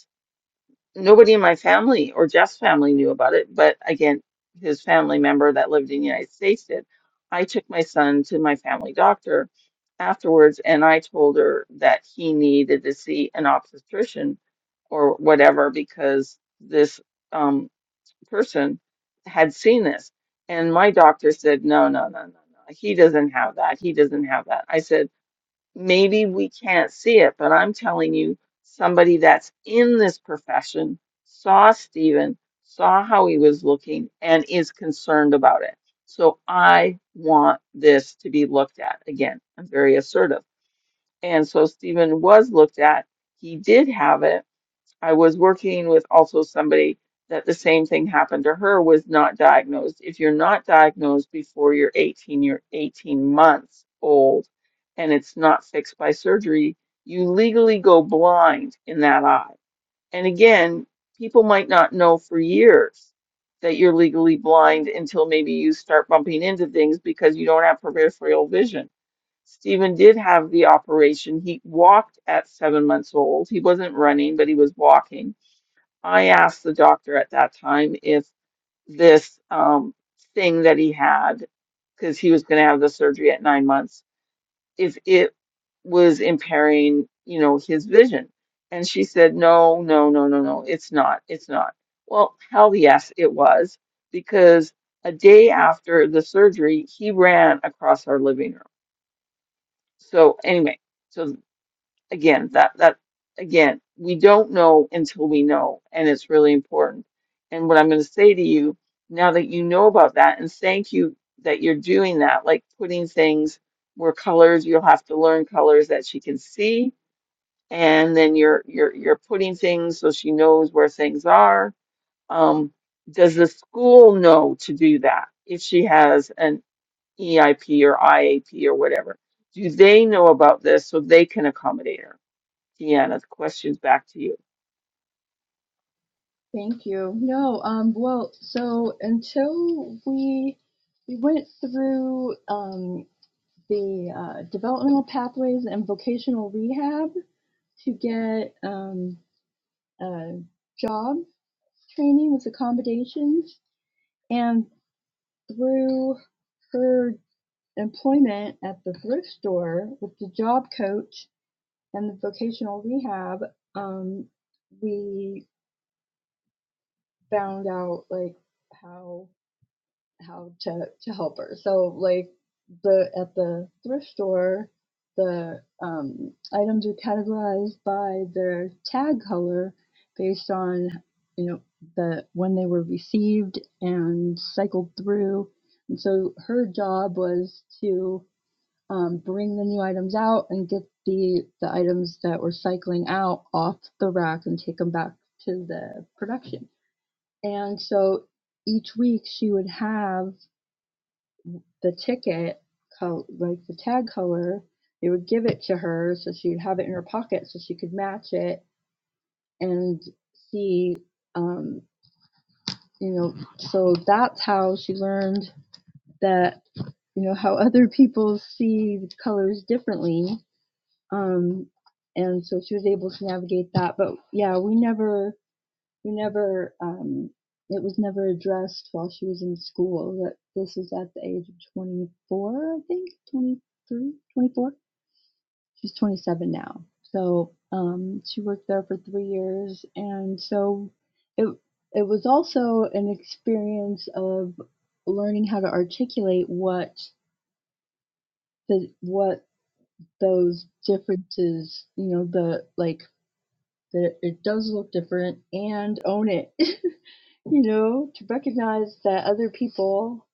S1: nobody in my family or Jeff's family knew about it, but again, his family member that lived in the United States did. I took my son to my family doctor afterwards, and I told her that he needed to see an obstetrician or whatever because this um, person had seen this. And my doctor said, No, no, no, no, no. He doesn't have that. He doesn't have that. I said, maybe we can't see it, but I'm telling you, somebody that's in this profession saw Stephen, saw how he was looking, and is concerned about it. So I want this to be looked at. Again, I'm very assertive. And so Stephen was looked at. He did have it I was working with also somebody that the same thing happened to her was not diagnosed. If you're not diagnosed before you're 18, you're 18 months old and it's not fixed by surgery, you legally go blind in that eye. And again, people might not know for years that you're legally blind until maybe you start bumping into things because you don't have peripheral vision. Stephen did have the operation. He walked at seven months old. He wasn't running, but he was walking I asked the doctor at that time if this um, thing that he had, because he was going to have the surgery at nine months, if it was impairing, you know, his vision. And she said, no, no, no, no, no, it's not, it's not. Well, hell yes, it was, because a day after the surgery, he ran across our living room. So, anyway, so again that that again we don't know until we know and it's really important and what i'm going to say to you now that you know about that and thank you that you're doing that like putting things where colors you'll have to learn colors that she can see and then you're you're you're putting things so she knows where things are um does the school know to do that if she has an EIP or IAP or whatever do they know about this so they can accommodate her Deanna, question's back to you.
S6: Thank you. No, um, well, so until we we went through um, the uh, developmental pathways and vocational rehab to get um, a job training with accommodations, and through her employment at the thrift store with the job coach and the vocational rehab, um, we found out like how how to to help her. So like the at the thrift store, the um, items are categorized by their tag color based on you know the when they were received and cycled through. And so her job was to um, bring the new items out and get the the items that we're cycling out off the rack and take them back to the production. And so each week she would have the ticket, like the tag color. They would give it to her so she'd have it in her pocket so she could match it and see, um, you know. So that's how she learned that you know how other people see colors differently um, and so she was able to navigate that. But yeah, we never, we never, um, it was never addressed while she was in school that this is at the age of 24, I think, 23, 24. She's 27 now. So um, she worked there for three years, and so it it was also an experience of learning how to articulate what the what those differences, you know, the like that it, does look different and own it. you know, to recognize that other people,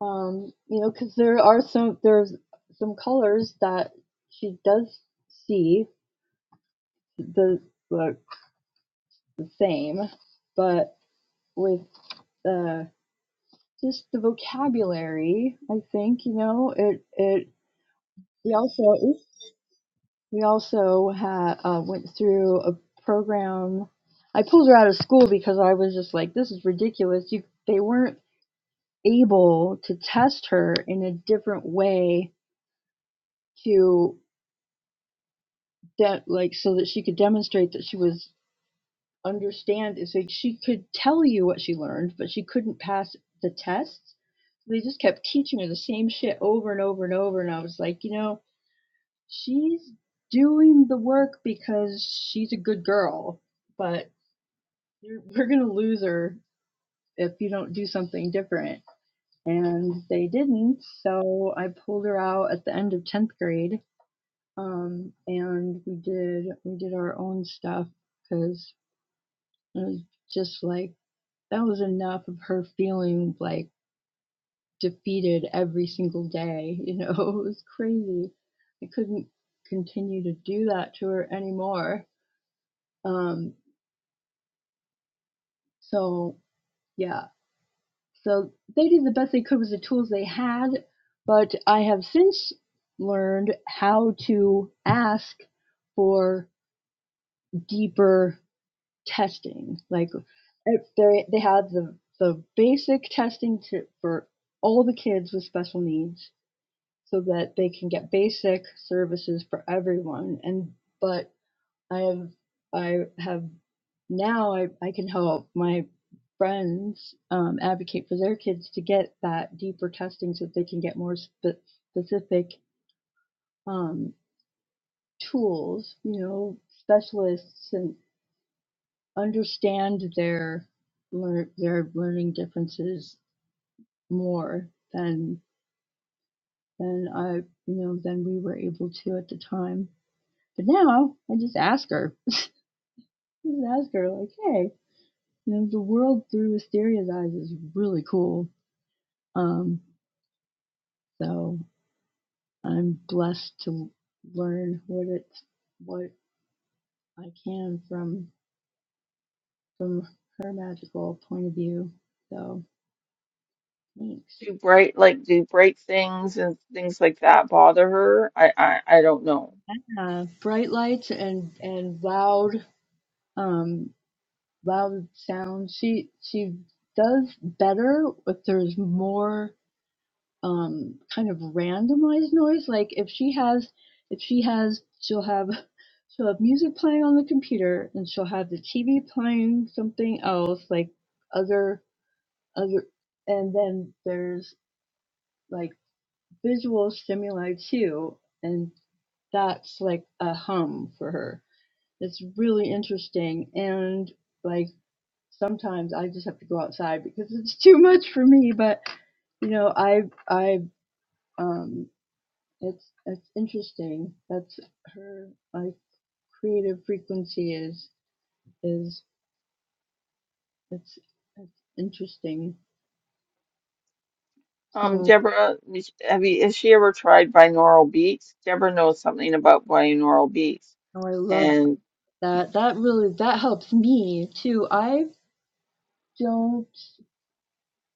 S6: um, you know, because there are some there's some colors that she does see the look the same, but with uh, just the vocabulary, I think you know it it. we also We also had uh, went through a program. I pulled her out of school because I was just like, "This is ridiculous." You, they weren't able to test her in a different way to de- like so that she could demonstrate that she was understand. it. So she could tell you what she learned, but she couldn't pass the tests. They just kept teaching her the same shit over and over and over, and I was like, you know, she's doing the work because she's a good girl, but you're, we're going to lose her if you don't do something different. And they didn't, so I pulled her out at the end of 10th grade. Um, and we did, we did our own stuff because it was just like, that was enough of her feeling like defeated every single day. You know, it was crazy. I couldn't continue to do that to her anymore. Um, so yeah, So they did the best they could with the tools they had, but I have since learned how to ask for deeper testing. Like if they they have the the basic testing to, for all the kids with special needs, so that they can get basic services for everyone. And but I have I have now I, I can help my friends um, advocate for their kids to get that deeper testing so that they can get more spe- specific um, tools, you know, specialists and understand their lear- their learning differences more than than I you know than we were able to at the time. But now I just ask her, just ask her like, hey. you know, the world through Asteria's eyes is really cool. Um, so I'm blessed to learn what it's what I can from from her magical point of view. So thanks.
S1: Do bright like do bright things and things like that bother her? I I, I don't know.
S6: Uh, bright lights and and loud um loud sounds. She she does better if there's more. um, kind of randomized noise. Like if she has, if she has, she'll have, she'll have music playing on the computer, and she'll have the TV playing something else, like other other, and then there's like visual stimuli too, and that's like a hum for her. It's really interesting, and like sometimes I just have to go outside because it's too much for me. But you know, I I um It's it's interesting. That's her like creative frequency is is it's it's interesting.
S1: Um,
S6: So
S1: Deborah, is- have you has she ever tried binaural beats? Deborah knows something about binaural beats,
S6: oh, I love
S1: and
S6: that. That really that helps me too. I don't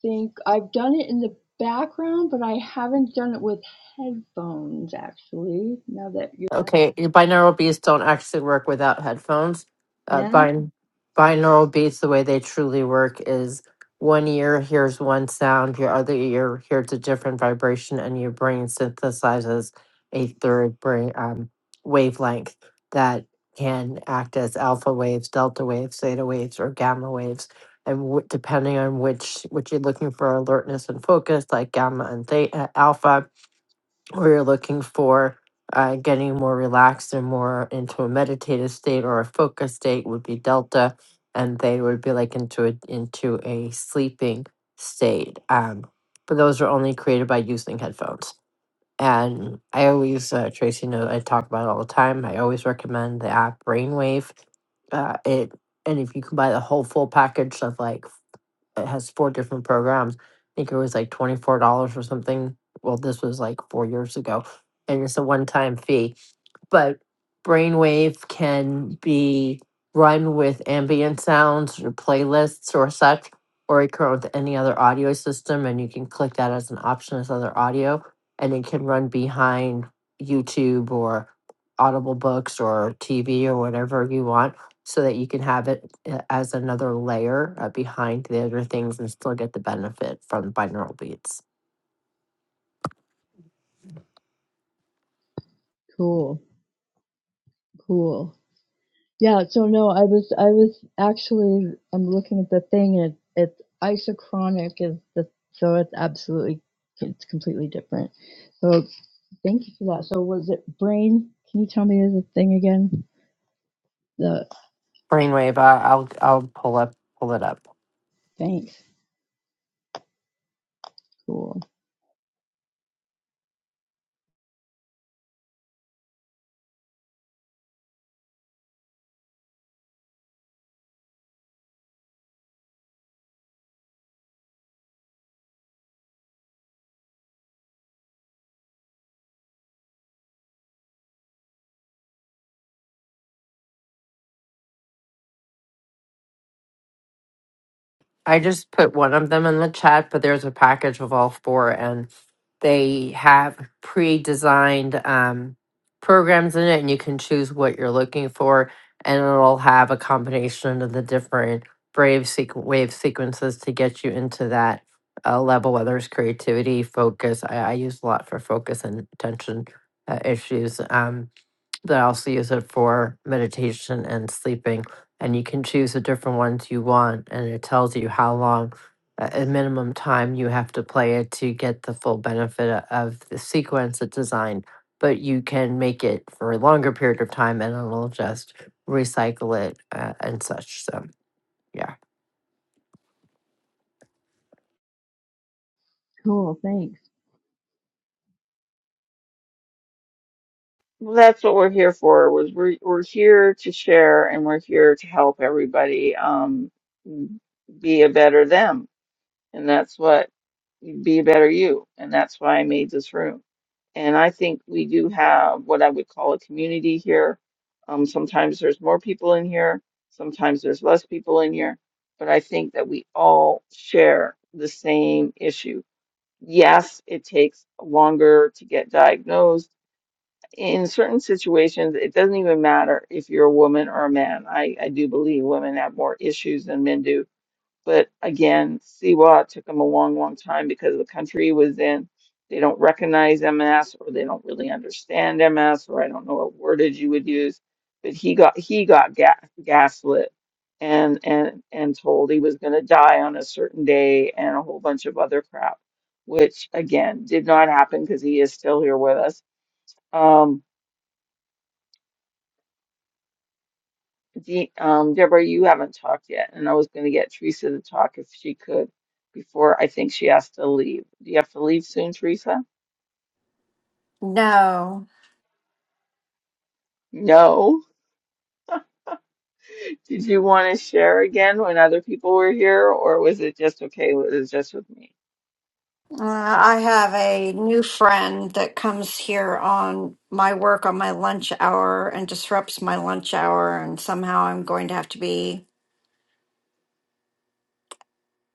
S6: think I've done it in the background, but I haven't done it with headphones actually. Now that you're asking,
S4: Okay, your binaural beats don't actually work without headphones. Uh,
S6: yeah,
S4: bin- binaural beats, the way they truly work is one ear hears one sound, your other ear hears a different vibration, and your brain synthesizes a third brain um, wavelength that can act as alpha waves, delta waves, theta waves, or gamma waves. And w- depending on which which you're looking for, alertness and focus, like gamma and theta, alpha we're looking for uh, getting more relaxed and more into a meditative state or a focus state would be delta and they would be like into a into a sleeping state um, but those are only created by using headphones and i always uh, tracy knows i talk about it all the time i always recommend the app brainwave uh, it and if you can buy the whole full package of like it has four different programs. I think it was like twenty four dollars or something. Well, this was like four years ago, and it's a one time fee but brainwave can be run with ambient sounds or playlists or such, or it can run with any other audio system, and you can click that as an option as other audio, and it can run behind YouTube or Audible books or TV or whatever you want, so that you can have it uh, as another layer uh, behind the other things and still get the benefit from binaural beats.
S6: cool, cool. Yeah, so no, I was I was actually I'm looking at the thing and it, it's isochronic is the so it's absolutely it's completely different. So thank you for that. So was it brain? Can you tell me the thing again? The
S4: Brainwave, I- I'll I'll pull up pull it up.
S6: thanks. Cool.
S4: I just put one of them in the chat, but there's a package of all four, and they have pre-designed um, programs in it, and you can choose what you're looking for, and it'll have a combination of the different brave sequ- wave sequences to get you into that uh, level, whether it's creativity, focus. I, I use a lot for focus and attention uh, issues. Um, that I also use it for meditation and sleeping. And you can choose the different ones you want, and it tells you how long a a minimum time you have to play it to get the full benefit o- of the sequence it's designed. But you can make it for a longer period of time, and it'll just recycle it uh, and such. So yeah,
S6: Cool, thanks.
S1: well, that's what we're here for. Was we're we're here to share and we're here to help everybody um be a better them, and that's what be a better you. And that's why I made this room. And I think we do have what I would call a community here. Um, sometimes there's more people in here, sometimes there's less people in here, but I think that we all share the same issue. Yes, it takes longer to get diagnosed. In certain situations, it doesn't even matter if you're a woman or a man. I, I do believe women have more issues than men do but again, CWA took them a long, long time because the country it was in, they don't recognize MS or they don't really understand MS or I don't know what wordage you would use. But he got he got ga- gaslit and and and told he was going to die on a certain day and a whole bunch of other crap, which again did not happen because he is still here with us. Um, De um, Deborah, you haven't talked yet, and I was going to get Teresa to talk if she could before I think she has to leave. Do you have to leave soon, Teresa?
S2: No,
S1: No. Did you want to share again when other people were here, or was it just okay? Was it just with me?
S2: uh, I have a new friend that comes here on my work on my lunch hour and disrupts my lunch hour. And somehow I'm going to have to be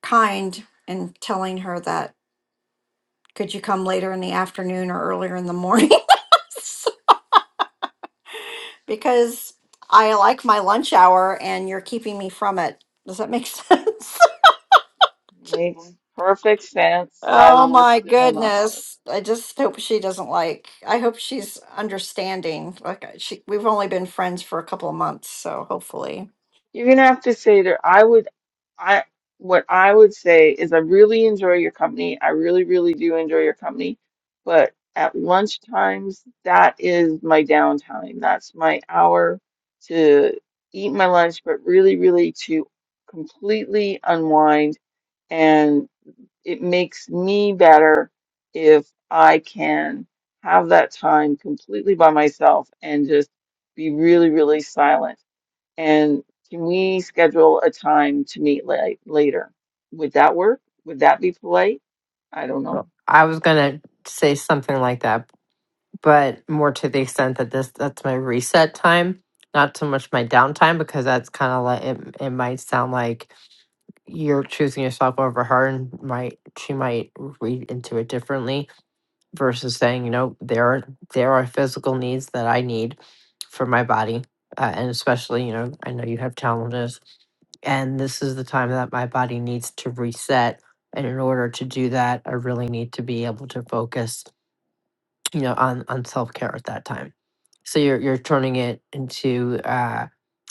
S2: kind in telling her that could you come later in the afternoon or earlier in the morning? because I like my lunch hour and you're keeping me from it. Does that make sense?
S1: Makes perfect sense. I
S2: Oh my
S1: worked in an office.
S2: goodness. I just hope she doesn't like, I hope she's understanding. Like I- she, we've only been friends for a couple of months, so hopefully.
S1: You're gonna have to say that I would, I what I would say is I really enjoy your company. I really, really do enjoy your company, but at lunch times, that is my downtime. That's my hour to eat my lunch, but really, really to completely unwind. And it makes me better if I can have that time completely by myself and just be really, really silent and can we schedule a time to meet la- later? Would that work? Would that be polite? I don't know.
S4: well, I was gonna say something like that, but more to the extent that this that's my reset time not so much my downtime because that's kind of like it, it might sound like you're choosing yourself over her and might she might read into it differently versus saying you know there are there are physical needs that i need for my body uh, and especially you know i know you have challenges and this is the time that my body needs to reset and in order to do that i really need to be able to focus you know on on self-care at that time so you're you're turning it into uh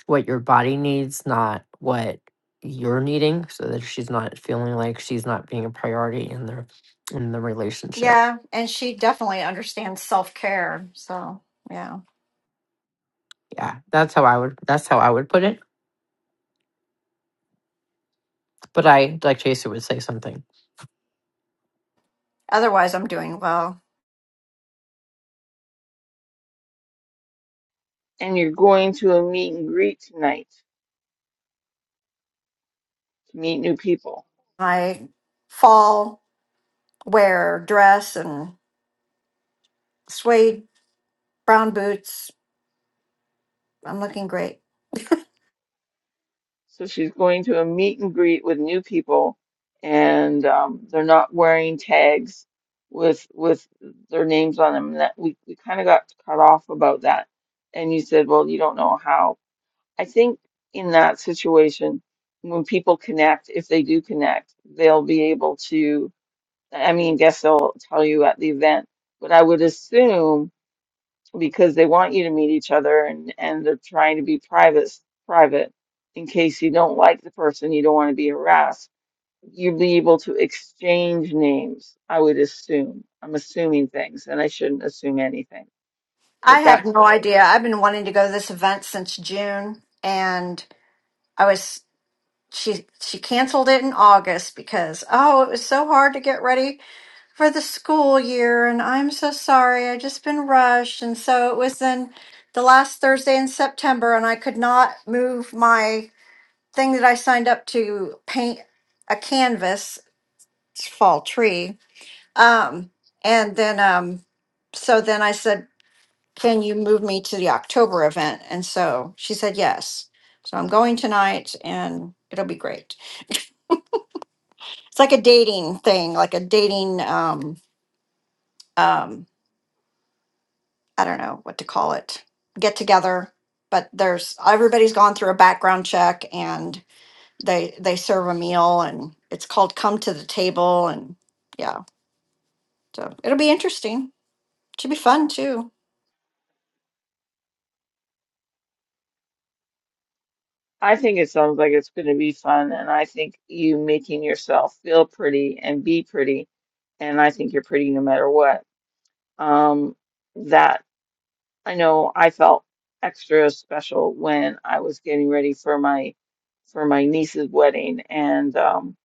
S4: what your body needs not what you're needing so that she's not feeling like she's not being a priority in the in the relationship
S2: Yeah, and she definitely understands self-care. So, yeah.
S4: yeah that's how i would that's how i would put it but i like chaser would say something
S2: Otherwise, I'm doing well.
S1: And you're going to a meet and greet tonight to meet new people.
S2: My fall wear dress and suede brown boots. I'm looking great.
S1: So she's going to a meet and greet with new people, and um, they're not wearing tags with with their names on them. And That we we kind of got cut off about that. And you said, well, you don't know how. I think in that situation, when people connect, if they do connect, they'll be able to, I mean, guess they'll tell you at the event, but I would assume because they want you to meet each other and, and they're trying to be private, private in case you don't like the person, you don't want to be harassed, you'll be able to exchange names, I would assume. I'm assuming things and I shouldn't assume anything,
S2: I
S1: but
S2: have
S1: that's
S2: no
S1: what I would think.
S2: idea. I've been wanting to go to this event since June and I was she she canceled it in August because oh it was so hard to get ready for the school year and I'm so sorry I just been rushed and so it was then the last Thursday in September and I could not move my thing that I signed up to paint a canvas fall tree um and then um so then I said can you move me to the October event and so she said yes so I'm going tonight and it'll be great It's like a dating thing, like a dating um um I don't know what to call it. Get together, but there's everybody's gone through a background check and they they serve a meal and it's called come to the table and yeah. So it'll be interesting. Should be fun too.
S1: I think it sounds like it's going to be fun, and I think you making yourself feel pretty and be pretty, and I think you're pretty no matter what. Um, that I know I felt extra special when I was getting ready for my for my niece's wedding, and um,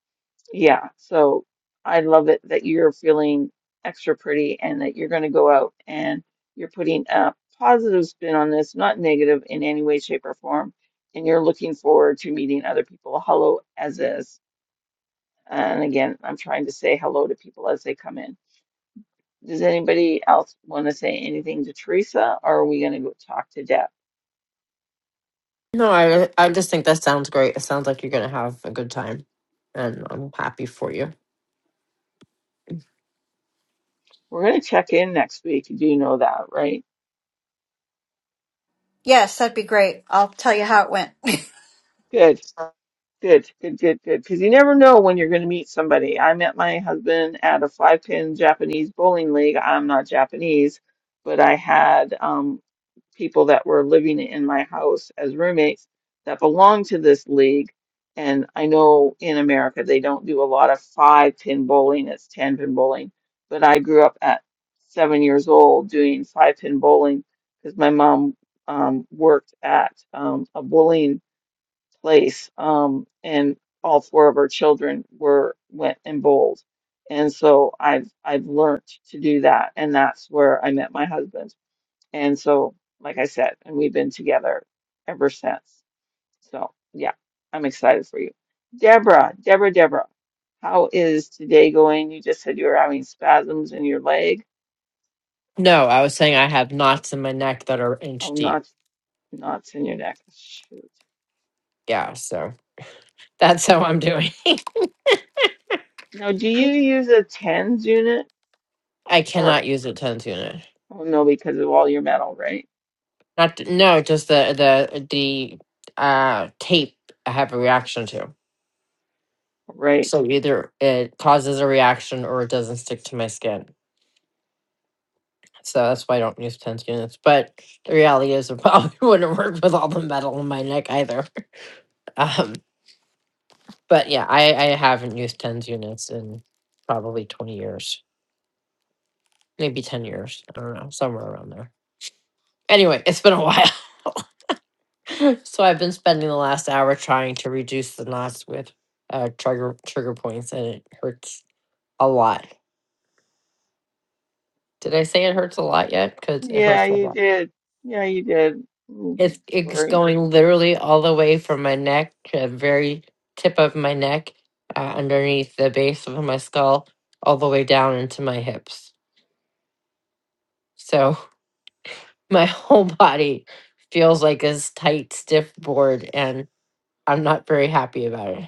S1: yeah, so I love it that you're feeling extra pretty and that you're going to go out and you're putting a positive spin on this, not negative in any way, shape, or form. And you're looking forward to meeting other people. Hello, as is. And again, I'm trying to say hello to people as they come in. Does anybody else want to say anything to Teresa, or are we going to go talk to Deb?
S4: no i i just think that sounds great it sounds like you're gonna have a good time and i'm happy for you
S1: We're going to check in next week. Do you know that, right?
S2: Yes, that'd be great. I'll tell you how it went.
S1: Good. Good, good, good, good. Because you never know when you're going to meet somebody. I met my husband at a five pin Japanese bowling league. I'm not Japanese, but I had um, people that were living in my house as roommates that belonged to this league. And I know in America they don't do a lot of five pin bowling, it's 10 pin bowling. But I grew up at seven years old doing five pin bowling because my mom um, worked at um, a bowling place um and all four of our children were went and bowled and so i've i've learned to do that and that's where i met my husband and so like i said and we've been together ever since so yeah i'm excited for you deborah deborah deborah how is today going you just said you were having spasms in your leg
S4: no i was saying i have knots in my neck that are inch
S1: oh
S4: deep
S1: knots knots in your neck shoot
S4: yeah so that's how i'm doing
S1: now do you use a tens unit
S4: I cannot
S1: or
S4: use a ten tuner.
S1: oh no because of all your metal right
S4: Not th- no, just the the the uh tape I have a reaction to.
S1: Right.
S4: So either it causes a reaction or it doesn't stick to my skin. So that's why I don't use tense units. But the reality is it probably wouldn't work with all the metal in my neck either. Um but yeah, I, I haven't used tens units in probably twenty years. Maybe ten years. I don't know, somewhere around there. Anyway, it's been a while. So I've been spending the last hour trying to reduce the knots with uh, trigger trigger points, and it hurts a lot. Did I say it hurts a lot yet? Because it
S1: Yeah,
S4: hurts a
S1: you
S4: lot.
S1: did. Yeah, you did. Mm,
S4: It's it's
S1: sorry.
S4: going literally all the way from my neck to the very tip of my neck, uh, underneath the base of my skull, all the way down into my hips. So my whole body feels like this tight, stiff board, and I'm not very happy about it.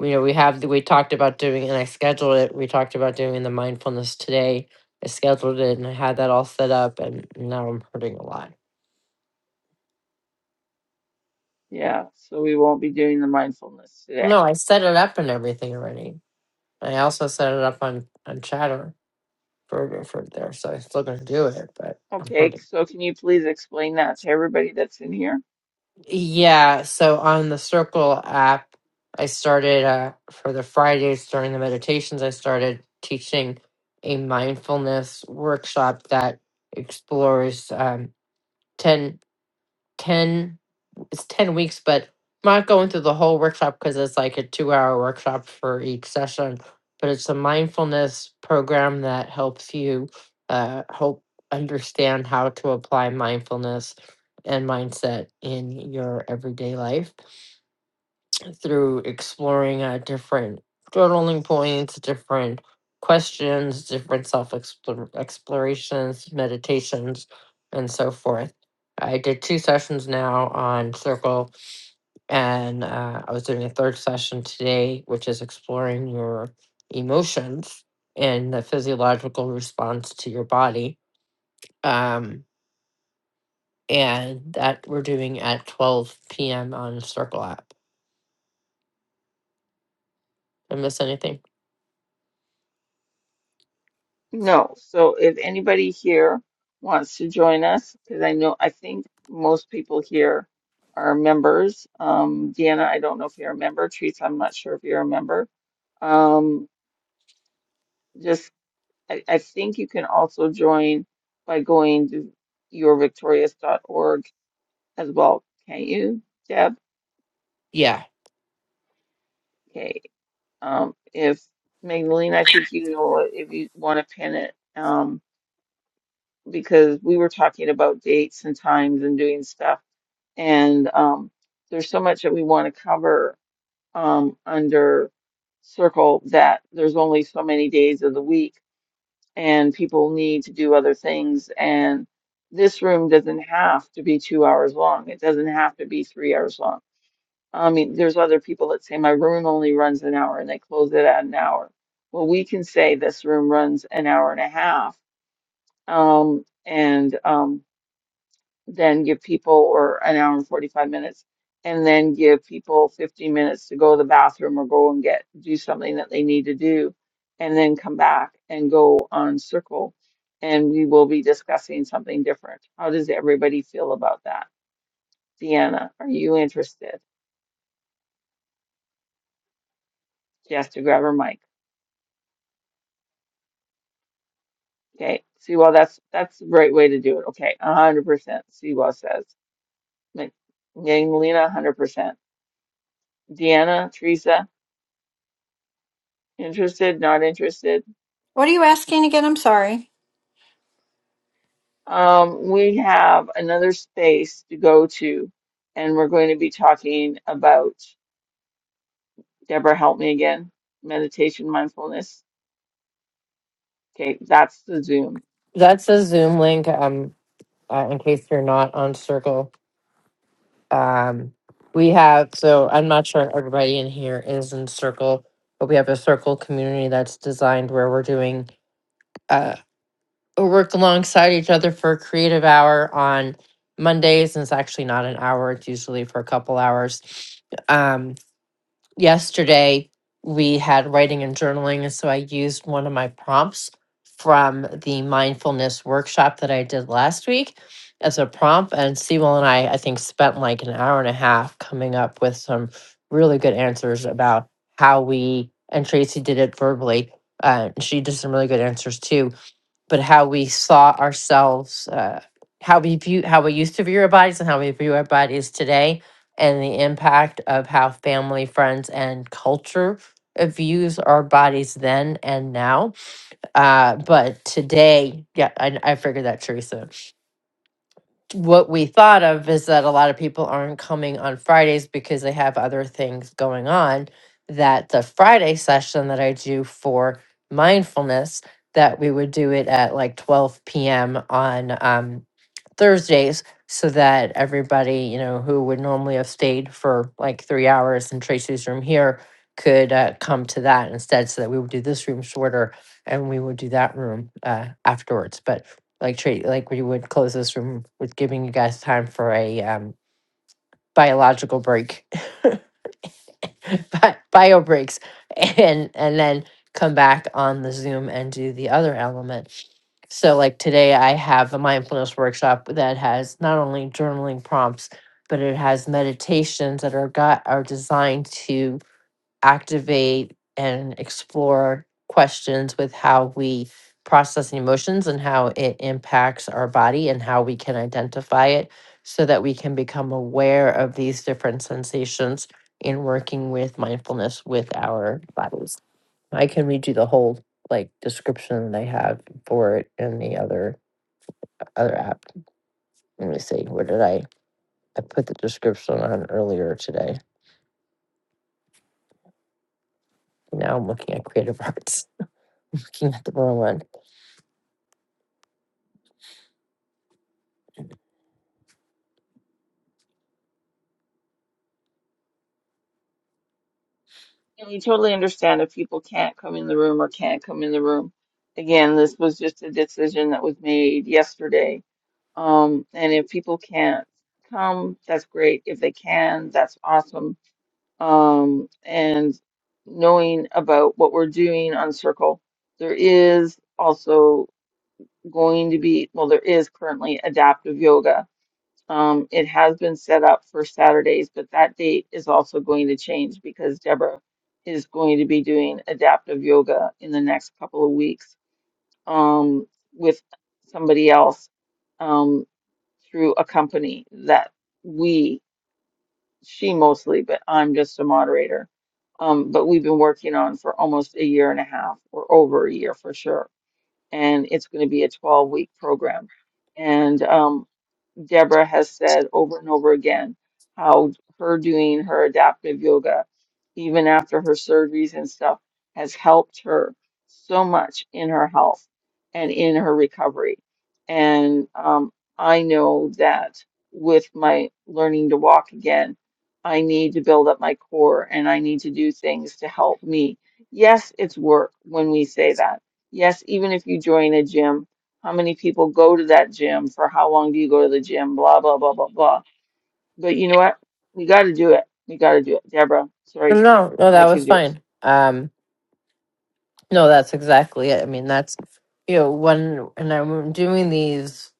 S4: you know, we have we talked about doing, and I scheduled it. We talked about doing the mindfulness today. I scheduled it, and I had that all set up, and now I'm hurting a lot.
S1: Yeah, so we won't be doing the mindfulness today.
S4: No, I set it up and everything already. I also set it up on on Chatter for for there, so I'm still gonna do it, but I'm
S1: Okay,
S4: hurting.
S1: so can you please explain that to everybody that's in here?
S4: Yeah, so on the Circle app, I started uh, for the Fridays during the meditations. I started teaching a mindfulness workshop that explores um, ten. 10 it's 10 weeks but I'm not going through the whole workshop because it's like a two hour workshop for each session but it's a mindfulness program that helps you uh help understand how to apply mindfulness and mindset in your everyday life through exploring uh, different journaling points, different questions, different self explorations, meditations, and so forth. I did two sessions now on Circle, and uh, I was doing a third session today, which is exploring your emotions and the physiological response to your body. Um, and that we're doing at 12 p.m. on Circle app. Did I miss anything?
S1: No. So if anybody here wants to join us, because I know I think most people here are members. Um, Deanna, I don't know if you're a member. Teresa, I'm not sure if you're a member. Um, just I, I think you can also join by going to yourvictorious.org as well. Can not you, Deb?
S4: Yeah.
S1: Okay. Um, if Magdalene, I think you know what, if you want to pin it, um, because we were talking about dates and times and doing stuff, and um, there's so much that we want to cover um, under Circle that there's only so many days of the week, and people need to do other things, and this room doesn't have to be two hours long. It doesn't have to be three hours long I mean, there's other people that say my room only runs an hour and they close it at an hour. Well, we can say this room runs an hour and a half, um, and um, then give people or an hour and 45 minutes, and then give people 15 minutes to go to the bathroom or go and get do something that they need to do, and then come back and go on circle, and we will be discussing something different. How does everybody feel about that? Deanna, are you interested? She has to grab her mic. Okay, Sewell, that's that's the right way to do it. Okay, one hundred percent. Sewell says. Ma- Magdalena, one hundred percent. Deanna, Teresa, interested, not interested.
S2: What are you asking again? I'm sorry.
S1: Um, we have another space to go to, and we're going to be talking about Deborah. Help me again. Meditation, mindfulness. Okay, that's the Zoom.
S4: That's a Zoom link. Um, uh, in case you're not on Circle, um, we have. So I'm not sure everybody in here is in Circle, but we have a Circle community that's designed where we're doing uh we work alongside each other for a creative hour on Mondays, and it's actually not an hour. It's usually for a couple hours. Um, yesterday we had writing and journaling and so i used one of my prompts from the mindfulness workshop that i did last week as a prompt and sewell and i i think spent like an hour and a half coming up with some really good answers about how we and tracy did it verbally uh, she did some really good answers too but how we saw ourselves, uh, how we view, how we used to view our bodies and how we view our bodies today, and the impact of how family, friends, and culture uh, views our bodies then and now. Uh, but today, yeah, I, I figured that, Teresa what we thought of is that a lot of people aren't coming on Fridays because they have other things going on. That the Friday session that I do for mindfulness, that we would do it at like 12 p.m. on um, Thursdays so that everybody, you know, who would normally have stayed for like three hours in Tracy's room here could uh, come to that instead so that we would do this room shorter and we would do that room uh, afterwards. But like Tracy, like we would close this room with giving you guys time for a um, biological break bi- bio breaks and and then come back on the Zoom and do the other element. So like today I have a mindfulness workshop that has not only journaling prompts, but it has meditations that are got are designed to activate and explore questions with how we process emotions and how it impacts our body and how we can identify it so that we can become aware of these different sensations in working with mindfulness with our bodies. I can read you the whole like description that I have for it in the other other app. Let me see. Where did I I put the description on earlier today? Now I'm looking at creative arts. I'm looking at the wrong one.
S1: And we totally understand if people can't come in the room or can't come in the room. Again, this was just a decision that was made yesterday Um, and if people can't come, that's great. If they can, that's awesome. Um, and knowing about what we're doing on Circle, there is also going to be, well, there is currently adaptive yoga. Um, it has been set up for Saturdays, but that date is also going to change because Deborah is going to be doing adaptive yoga in the next couple of weeks um, with somebody else. Um, through a company that we, she mostly, but I'm just a moderator. Um, but we've been working on for almost a year and a half or over a year for sure. And it's going to be a 12 week program. And um, Deborah has said over and over again how her doing her adaptive yoga, even after her surgeries and stuff, has helped her so much in her health and in her recovery. And um, I know that with my learning to walk again, I need to build up my core and I need to do things to help me. Yes, it's work when we say that. Yes, even if you join a gym how many people go to that gym? For how long do you go to the gym? Blah, blah, blah, blah, blah. But you know what? We got to do it. We got to do it. Deborah,
S4: No, no,
S1: sorry.
S4: no, no, that
S1: Mike
S4: was
S1: is yours.
S4: fine. Um, no, that's exactly it. I mean, that's you know, when and I'm doing these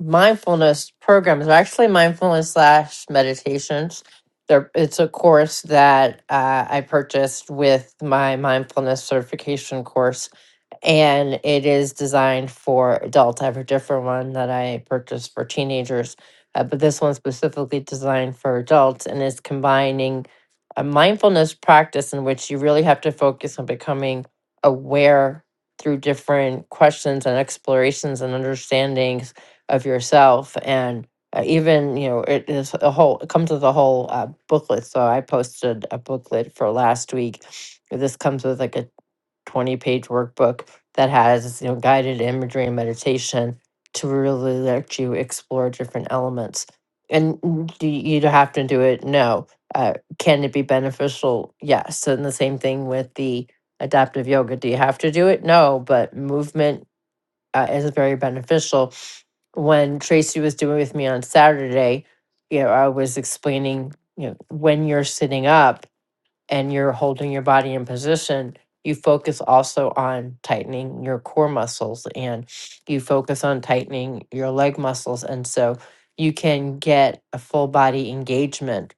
S4: mindfulness programs, they're actually mindfulness slash meditations. There, it's a course that uh, I purchased with my mindfulness certification course and it is designed for adults. I have a different one that I purchased for teenagers, uh, but this one's specifically designed for adults and is combining a mindfulness practice in which you really have to focus on becoming aware through different questions and explorations and understandings of yourself and uh, even you know it is a whole it comes with a whole uh, booklet so i posted a booklet for last week this comes with like a 20 page workbook that has you know guided imagery and meditation to really let you explore different elements. And mm, do you have to do it? No. Uh, can it be beneficial? Yes. And the same thing with the adaptive yoga. Do you have to do it? No. But movement uh, is very beneficial. When Tracy was doing with me on Saturday, you know, I was explaining you know when you're sitting up and you're holding your body in position, you focus also on tightening your core muscles and you focus on tightening your leg muscles. And so you can get a full body engagement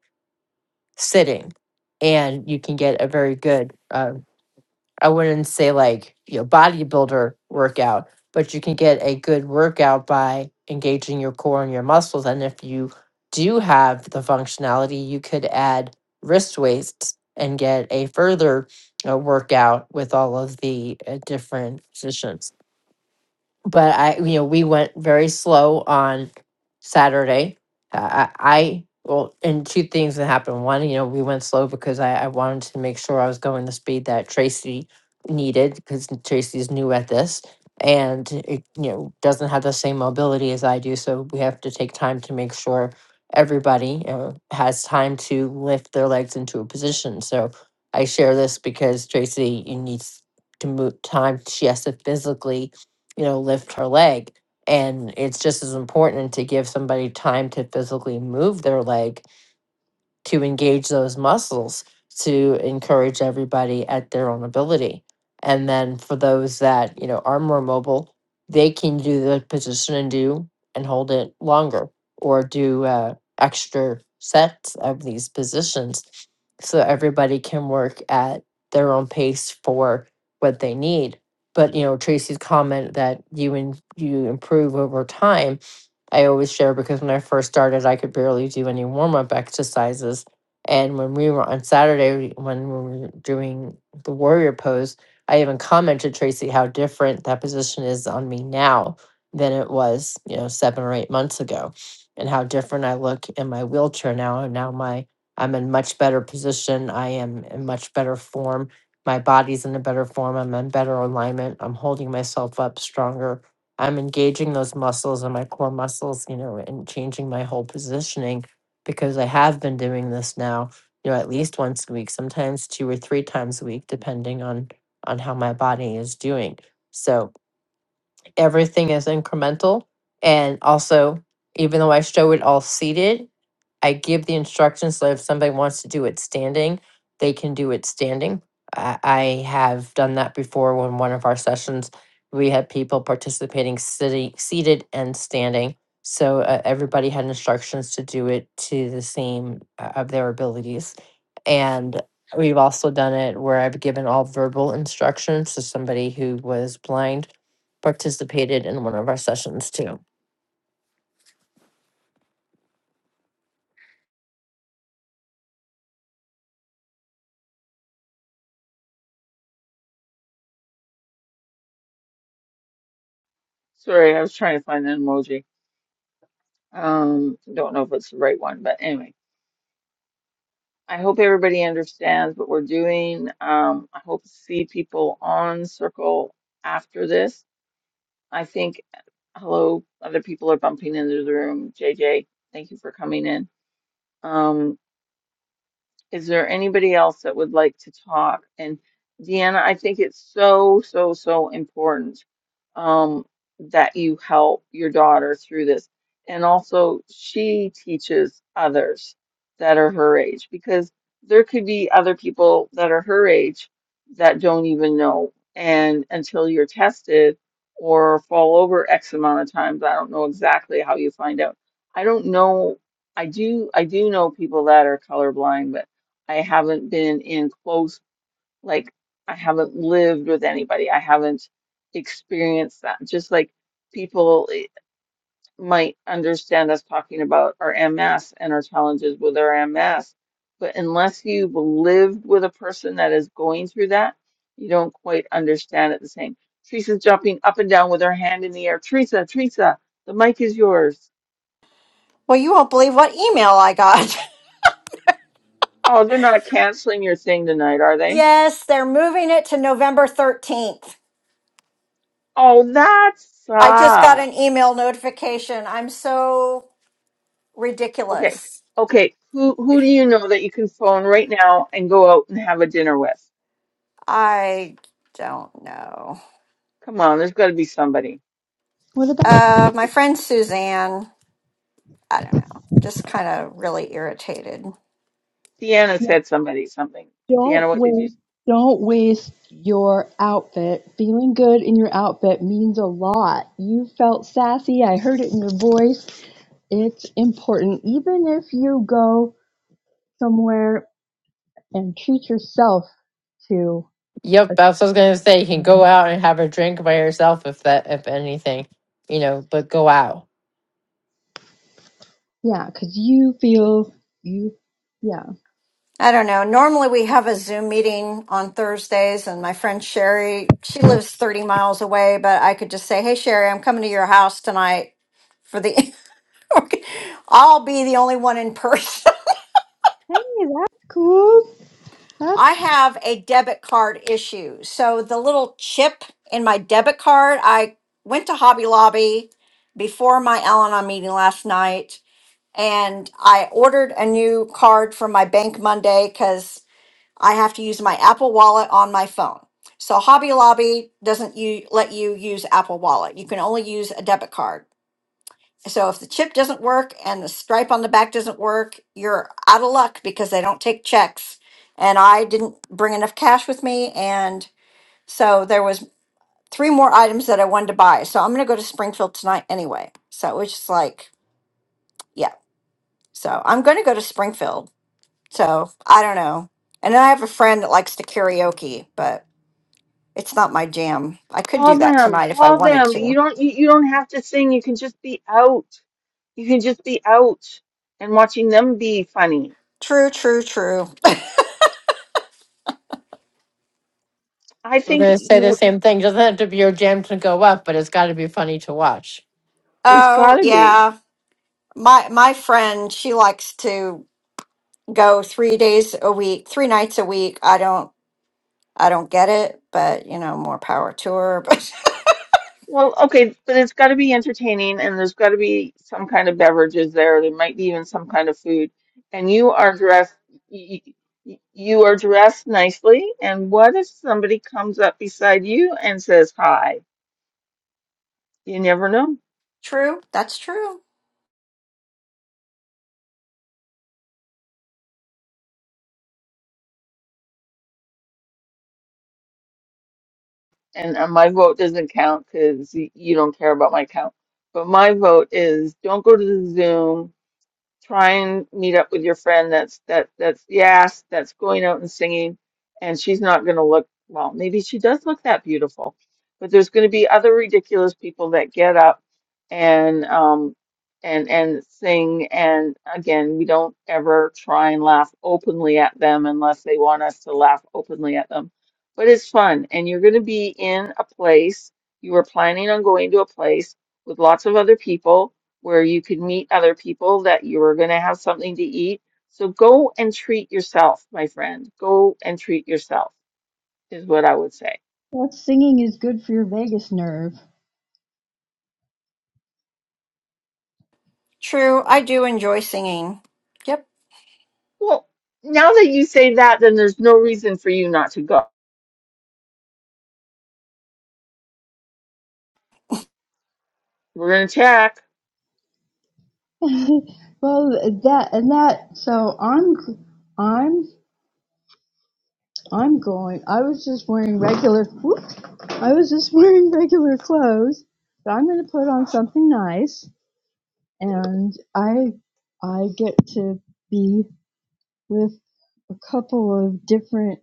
S4: sitting and you can get a very good uh, I wouldn't say like, you know, bodybuilder workout, but you can get a good workout by engaging your core and your muscles. And if you do have the functionality, you could add wrist weights and get a further uh, workout with all of the uh, different positions but I, you know, we went very slow on Saturday. I, I I- well, and two things that happened. One, you know, we went slow because I, I wanted to make sure I was going the speed that Tracy needed because Tracy's new at this and it, you know, doesn't have the same mobility as I do. So we have to take time to make sure everybody uh, has time to lift their legs into a position. So I share this because Tracy needs to move time. She has to physically you know, lift her leg. And it's just as important to give somebody time to physically move their leg to engage those muscles to encourage everybody at their own ability. And then for those that, you know, are more mobile, they can do the position and do and hold it longer or do uh, extra sets of these positions so everybody can work at their own pace for what they need. But you know, Tracy's comment that you and you improve over time I always share because when I first started, I could barely do any warm up exercises. And when we were on Saturday, when we were doing the warrior pose, I even commented, Tracy, how different that position is on me now than it was, you know, seven or eight months ago, and how different I look in my wheelchair now. And now my I'm in much better position. I am in much better form. My body's in a better form. I'm in better alignment. I'm holding myself up stronger I'm engaging those muscles and my core muscles, you know, and changing my whole positioning because I have been doing this now, you know, at least once a week, sometimes two or three times a week, depending on on how my body is doing. So everything is incremental. And also, even though I show it all seated, I give the instructions so if somebody wants to do it standing, they can do it standing. I, I have done that before when one of our sessions we had people participating sitting, seated and standing. So uh, everybody had instructions to do it to the same uh, of their abilities. And we've also done it where I've given all verbal instructions to somebody who was blind participated in one of our sessions too.
S1: Sorry, I was trying to find an emoji. Um, don't know if it's the right one, but anyway, I hope everybody understands what we're doing. Um, I hope to see people on Circle after this. I think, hello, other people are bumping into the room. JJ, thank you for coming in. Um, Is there anybody else that would like to talk? And Deanna, I think it's so, so, so important um, that you help your daughter through this. And also, she teaches others that are her age because there could be other people that are her age that don't even know. And until you're tested or fall over X amount of times, I don't know exactly how you find out. I don't know. I do, I do know people that are colorblind, but I haven't been in close, like, I haven't lived with anybody. I haven't experienced that. Just like people eh, might understand us talking about our MS and our challenges with our MS. But unless you've lived with a person that is going through that, you don't quite understand it the same. Teresa's jumping up and down with her hand in the air. Teresa, Teresa, the mic is yours.
S2: Well, you won't believe what email I got.
S1: Oh, they're not canceling your thing tonight, are they?
S2: yes, they're moving it to November 13th.
S1: Oh, that
S2: I just got an
S1: sucks.
S2: email notification. I'm so
S1: Okay.
S2: ridiculous.
S1: Okay. Who who do you know that you can phone right now and go out and have a dinner with?
S2: I don't know.
S1: Come on, there's got to be somebody.
S6: What about
S2: Uh, my friend Suzanne, I don't know, just kind of really irritated.
S1: Deanna
S6: yeah.
S1: said somebody something.
S6: don't
S1: Deanna, what did you
S6: waste don't waste your outfit. Feeling good in your outfit means a lot. You felt sassy. I heard it in your voice. It's important. Even if you go somewhere and treat yourself to a
S4: Yep, that's what I was gonna say. You can go
S6: swim.
S4: out and have a drink by yourself if that if anything, you know, but go out.
S6: Yeah, because you feel you. Yeah.
S2: I don't know. Normally we have a Zoom meeting on Thursdays, and my friend Sherry, she lives 30 miles away, but I could just say, Hey, Sherry, I'm coming to your house tonight for the. I'll be the only one in person.
S6: Hey, that's cool.
S2: I
S6: That's
S2: have a debit card issue. So the little chip in my debit card, I went to Hobby Lobby before my Al Anon meeting last night and I ordered a new card for my bank Monday because I have to use my Apple Wallet on my phone. So Hobby Lobby doesn't you let you use Apple Wallet. You can only use a debit card. So if the chip doesn't work and the stripe on the back doesn't work, you're out of luck because they don't take checks. And I didn't bring enough cash with me, and so there was three more items that I wanted to buy. So I'm going to go to Springfield tonight anyway. So it was just like, yeah. So I'm going to go to Springfield. So I don't know. And then I have a friend that likes to karaoke, but it's not my jam. I could
S1: call
S2: do that
S1: them?
S2: tonight if I
S1: Call
S2: wanted
S1: them. You
S2: to.
S1: don't you, you don't have to sing. You can just be out. You can just be out and watching them be funny.
S2: True, true, true.
S1: I
S4: I'm
S1: think
S4: gonna say the
S1: you
S4: same thing. Doesn't have to be your jam to go up, but it's gotta be funny to watch.
S1: it's got
S2: Oh,
S1: to be.
S2: yeah. My my friend, she likes to. go three days a week, three nights a week. I don't, I don't get it, but you know, more power to her. But
S1: Well, okay, but it's got to be entertaining and there's got to be some kind of beverages there. There might be even some kind of food. And you are dressed, you, you are dressed nicely. And what if somebody comes up beside you and says hi? You never know.
S2: true, that's true,
S1: And uh, my vote doesn't count because you don't care about my count. But my vote is don't go to the Zoom. try and meet up with your friend that's that that's yes that's going out and singing and she's not going to look well maybe she does look that beautiful but there's going to be other ridiculous people that get up and um and and sing and again we don't ever try and laugh openly at them unless they want us to laugh openly at them but it's fun and you're going to be in a place you were planning on going to a place with lots of other people where you could meet other people that you were going to have something to eat. So go and treat yourself, my friend. Go and treat yourself is what I would say.
S6: that singing is good for your vagus nerve.
S2: true. I do enjoy singing. Yep.
S1: Well, now that you say that, then there's no reason for you not to go. We're going to check.
S6: well, that and that. So I'm, I'm, I'm going. I was just wearing regular. Whoop, I was just wearing regular clothes, but I'm going to put on something nice, and I, I get to be. with a couple of different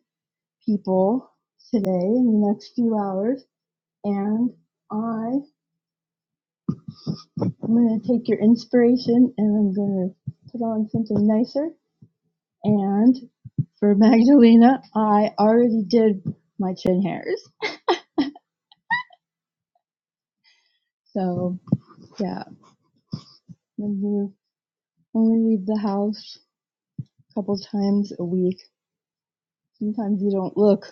S6: people today in the next few hours. And I am going to take your inspiration and I'm going to put on something nicer. And for Magdalena, I already did my chin hairs. So yeah, I'm gonna only leave the house a couple times a week. Sometimes you don't look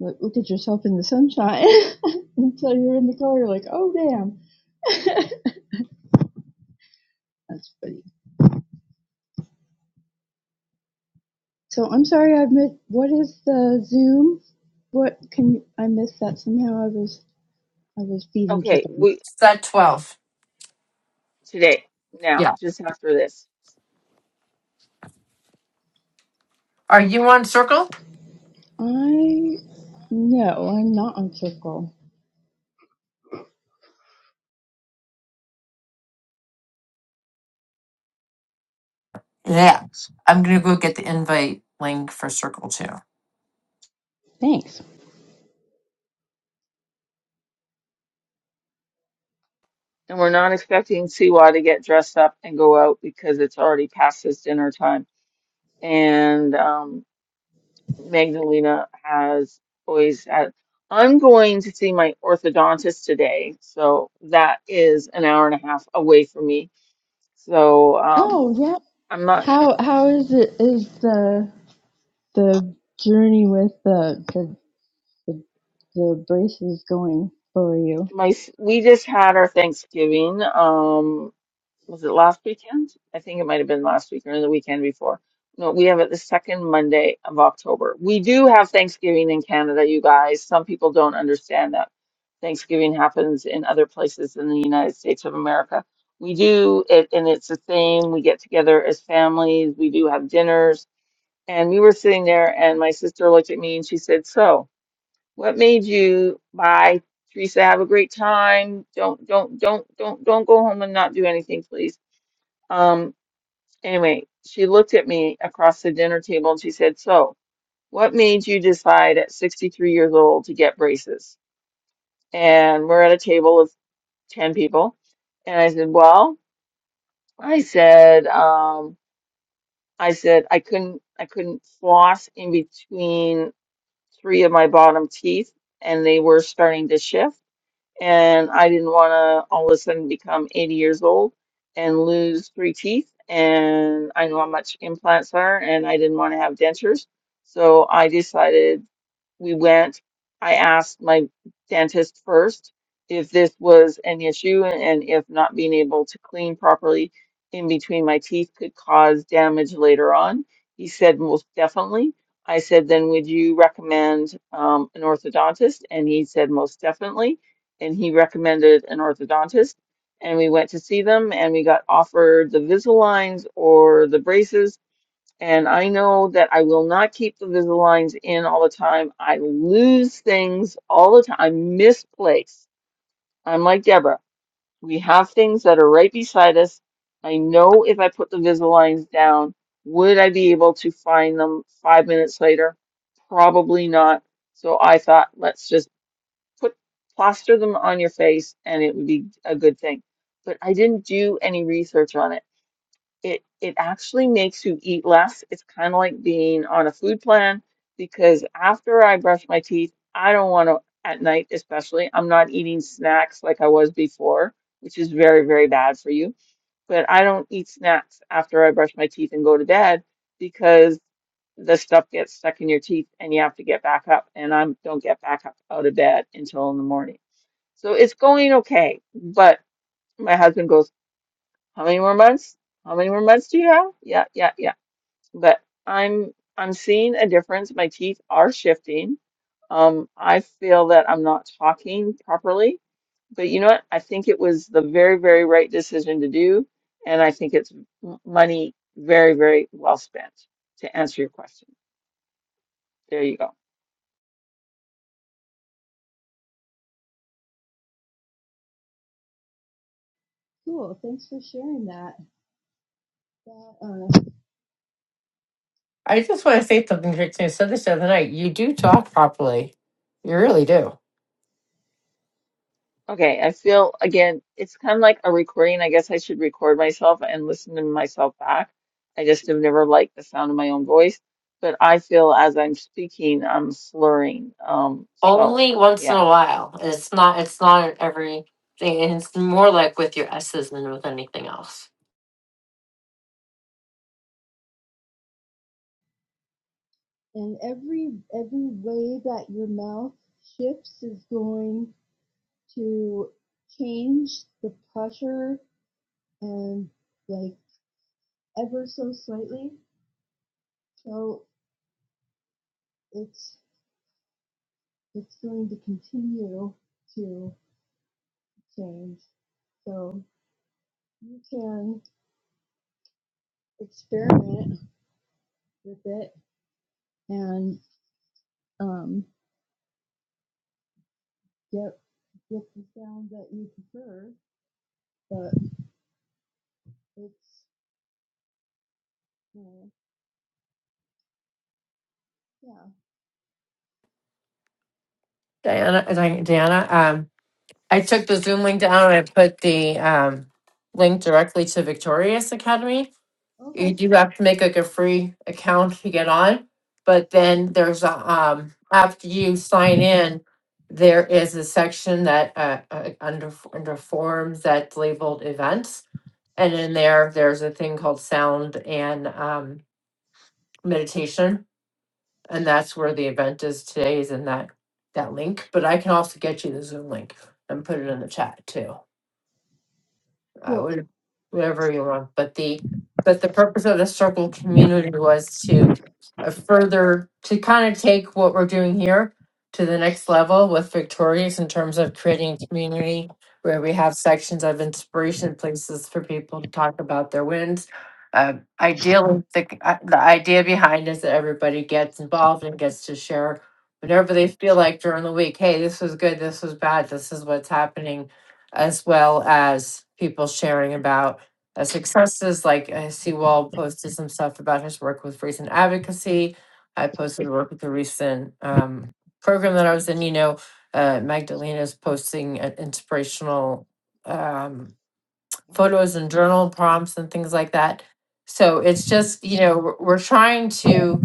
S6: look, look at yourself in the sunshine until you're in the car. You're like, oh damn. That's funny. So I'm sorry I missed. What is the Zoom? What can I missed that somehow? I was I was feeding
S1: Okay,
S6: kittens.
S1: we
S4: Set twelve.
S1: today, now,
S4: Yeah.
S1: just after this.
S4: Are you on circle?
S6: I no, I'm not on Circle.
S4: Yeah. I'm gonna go get the invite link for Circle too.
S6: Thanks.
S1: And we're not expecting Siwa to get dressed up and go out because it's already past his dinner time. And um Magdalena has always had. I'm going to see my orthodontist today, so that is an hour and a half away from me. So um,
S6: Oh yeah.
S1: I'm not
S6: How how is it? Is the the journey with the the the, the braces going for you?
S1: my. We just had our Thanksgiving. Um, was it last weekend? I think it might have been last week or the weekend before. No, we have it the second Monday of October. We do have Thanksgiving in Canada, you guys. Some people don't understand that Thanksgiving happens in other places in the United States of America. We do it, and it's the same. We get together as families, we do have dinners. And we were sitting there, and my sister looked at me and she said, So, what made you buy Teresa, have a great time. Don't, don't, don't, don't, don't go home and not do anything, please um, anyway, she looked at me across the dinner table and she said, So, what made you decide at 63 years old to get braces? And we're at a table of 10 people. And I said, Well, I said, um, I said I couldn't I couldn't floss in between three of my bottom teeth and they were starting to shift. and I didn't want to all of a sudden become 80 years old and lose three teeth. And I know how much implants are, and I didn't want to have dentures. So I decided we went. I asked my dentist first if this was an issue and, and if not being able to clean properly in between my teeth could cause damage later on. He said most definitely. I said, then would you recommend um, an orthodontist? And he said most definitely and he recommended an orthodontist. And we went to see them and we got offered the Visalines or the braces. And I know that I will not keep the Visalines in all the time. I lose things all the time. I misplace. I'm like Deborah. We have things that are right beside us. I know if I put the Visalines down, would I be able to find them five minutes later? Probably not. So I thought, let's just put plaster them on your face and it would be a good thing. But I didn't do any research on it. It it actually makes you eat less. It's kind of like being on a food plan because after I brush my teeth, I don't want to at night especially. I'm not eating snacks like I was before, which is very, very bad for you. But I don't eat snacks after I brush my teeth and go to bed because the stuff gets stuck in your teeth and you have to get back up and I don't get back up out of bed until in the morning. So it's going okay. But my husband goes, How many more months? How many more months do you have? Yeah, yeah, yeah. But I'm I'm seeing a difference. My teeth are shifting. Um, I feel that I'm not talking properly. But you know what? I think it was the very, very right decision to do. And I think it's m- money very, very well spent to answer your question. There you go.
S6: Cool. Thanks for sharing that. that uh,
S4: I just wanna say something Trixie. I said this the other night. You do talk properly. You really do.
S1: Okay, I feel again, it's kind of like a recording. I guess I should record myself and listen to myself back. I just have never liked the sound of my own voice, but I feel as I'm speaking, I'm slurring. Um, so
S4: Only once in a
S1: yeah,
S4: while. It's not. It's not every thing. And it's more like with your S's than with anything else.
S6: and every every way that your mouth shifts is going. to change the pressure and like ever so slightly. So it's it's going to continue to change. So you can experiment with it and um, get get the sound that you prefer. But it's uh, yeah
S4: Diana, uh, Di- Diana. Um, I took the Zoom link down and I put the um link directly to Victorious Academy. You
S6: okay
S4: do have to make like a free account to get on, but then there's a um after you sign in, there is a section that uh, uh under under forms that's labeled events And in there, there's a thing called sound and um, meditation, and that's where the event is today. Is in that that link, but I can also get you the Zoom link and put it in the chat too. I
S6: cool.
S4: would, whatever you want, but the, but the purpose of the circle community was to uh, further, to kind of take what we're doing here to the next level with Victorious in terms of creating a community where we have sections of inspiration places for people to talk about their wins. Uh, ideally, the, uh, the idea behind is that everybody gets involved and gets to share whenever they feel like during the week, hey, this was good, this was bad, this is what's happening as well as people sharing about uh, successes. Like uh, Seawall posted some stuff about his work with recent advocacy. I posted work with the recent um, program that I was in. You know, uh, Magdalena's posting uh, inspirational um, photos and journal prompts and things like that. So it's just, you know, we're, we're trying to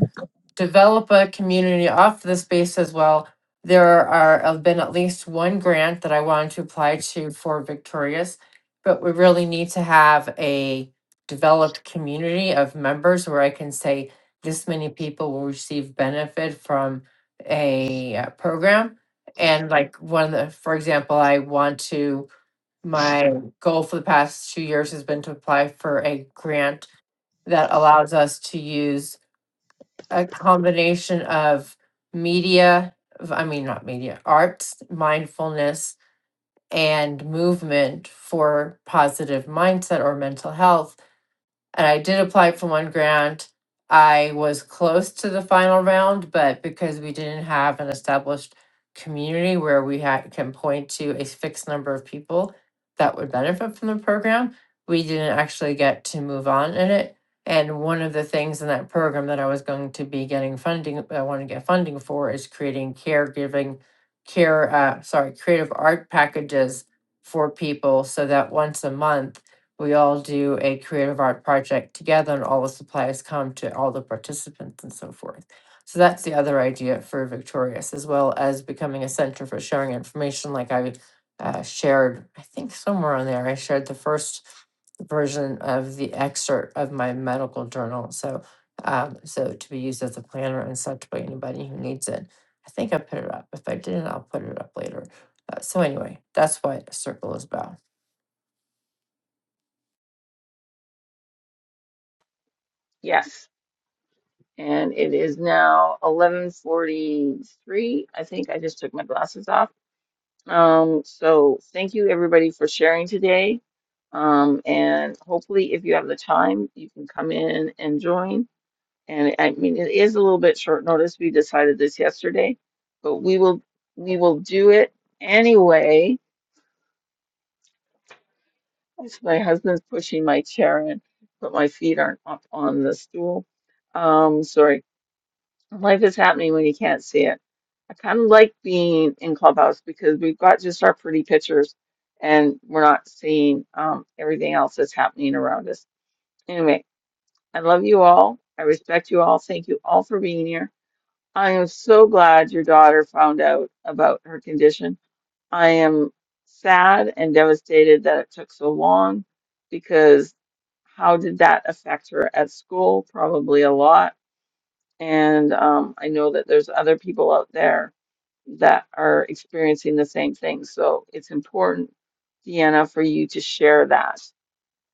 S4: develop a community off this base as well. There are have been at least one grant that I wanted to apply to for Victorious, but we really need to have a developed community of members where I can say this many people will receive benefit from a uh, program. And like one of the, for example, I want to, my goal for the past two years has been to apply for a grant that allows us to use a combination of media, v- I mean, not media, arts, mindfulness, and movement for positive mindset or mental health and I did apply for one grant. I was close to the final round, but because we didn't have an established community where we had, can point to a fixed number of people that would benefit from the program, we didn't actually get to move on in it. And one of the things in that program that I was going to be getting funding, I want to get funding for is creating caregiving, care, uh, sorry, creative art packages for people so that once a month we all do a creative art project together and all the supplies come to all the participants and so forth. So that's the other idea for Victorious, as well as becoming a center for sharing information. Like I uh, shared, I think somewhere on there, I shared the first version of the excerpt of my medical journal. So, um, so to be used as a planner and such by anybody who needs it. I think I put it up. If I didn't, I'll put it up later. Uh, so anyway, that's what a circle is about.
S1: yes. And it is now 11:43. I think I just took my glasses off. Um, so thank you everybody for sharing today. Um, and hopefully if you have the time, you can come in and join. And I mean, it is a little bit short notice. We decided this yesterday, but we will we will do it anyway. As my husband's pushing my chair in, but my feet aren't up on the stool. Um, sorry. Life is happening when you can't see it. I kind of like being in Clubhouse because we've got just our pretty pictures and we're not seeing um, everything else that's happening around us. Anyway, I love you all. I respect you all. Thank you all for being here. I am so glad your daughter found out about her condition. I am sad and devastated that it took so long because how did that affect her at school? Probably a lot. And um, I know that there's other people out there that are experiencing the same thing. So it's important, Deanna, for you to share that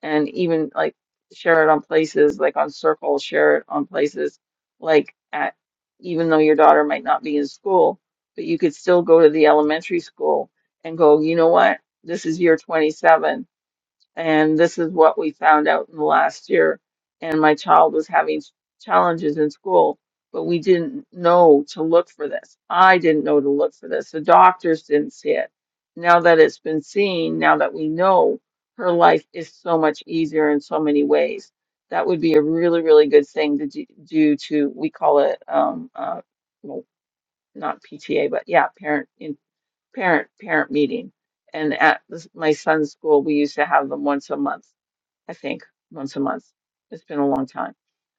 S1: and even like share it on places like on Circle, share it on places like at even though your daughter might not be in school, but you could still go to the elementary school and go, you know what? This is year 27 and this is what we found out in the last year and my child was having s- challenges in school but we didn't know to look for this i didn't know to look for this the doctors didn't see it now that it's been seen now that we know her life is so much easier in so many ways that would be a really really good thing to do, do to we call it um uh well not pta but yeah parent in parent parent meeting and at this, my son's school we used to have them once a month I think, once a month. It's been a long time.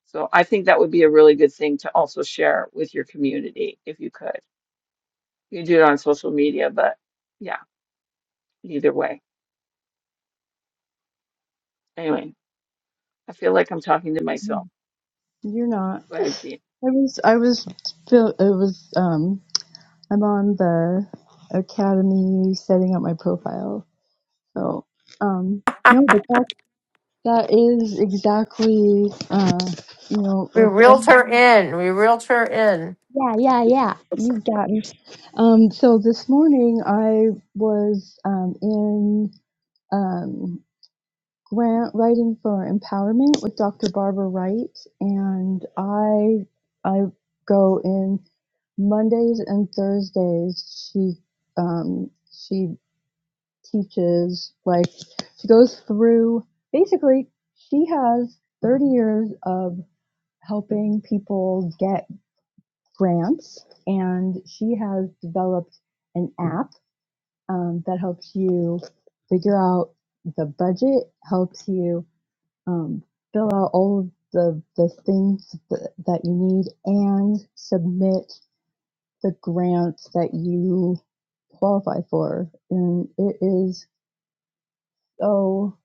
S1: So I think that would be a really good thing to also share with your community if you could. You can do it on social media, but yeah, either way. Anyway, I feel like I'm talking to myself.
S6: You're not.
S1: Go ahead, Dean.
S6: I was I was it was um. I'm on the academy setting up my profile. So, um, no, but that, that is exactly, uh, you know,
S4: We
S6: like
S4: reeled
S6: that-
S4: her in. We reeled her in.
S6: you've got me. Um, so this morning I was um, in um, grant writing for empowerment with Dr. Barbara Wright, and I I go in Mondays and Thursdays. She um, she teaches like she goes through basically she has 30 years of helping people get grants and she has developed an app um, that helps you figure out the budget helps you um, fill out all of the, the things th- that you need and submit the grants that you qualify for and it is so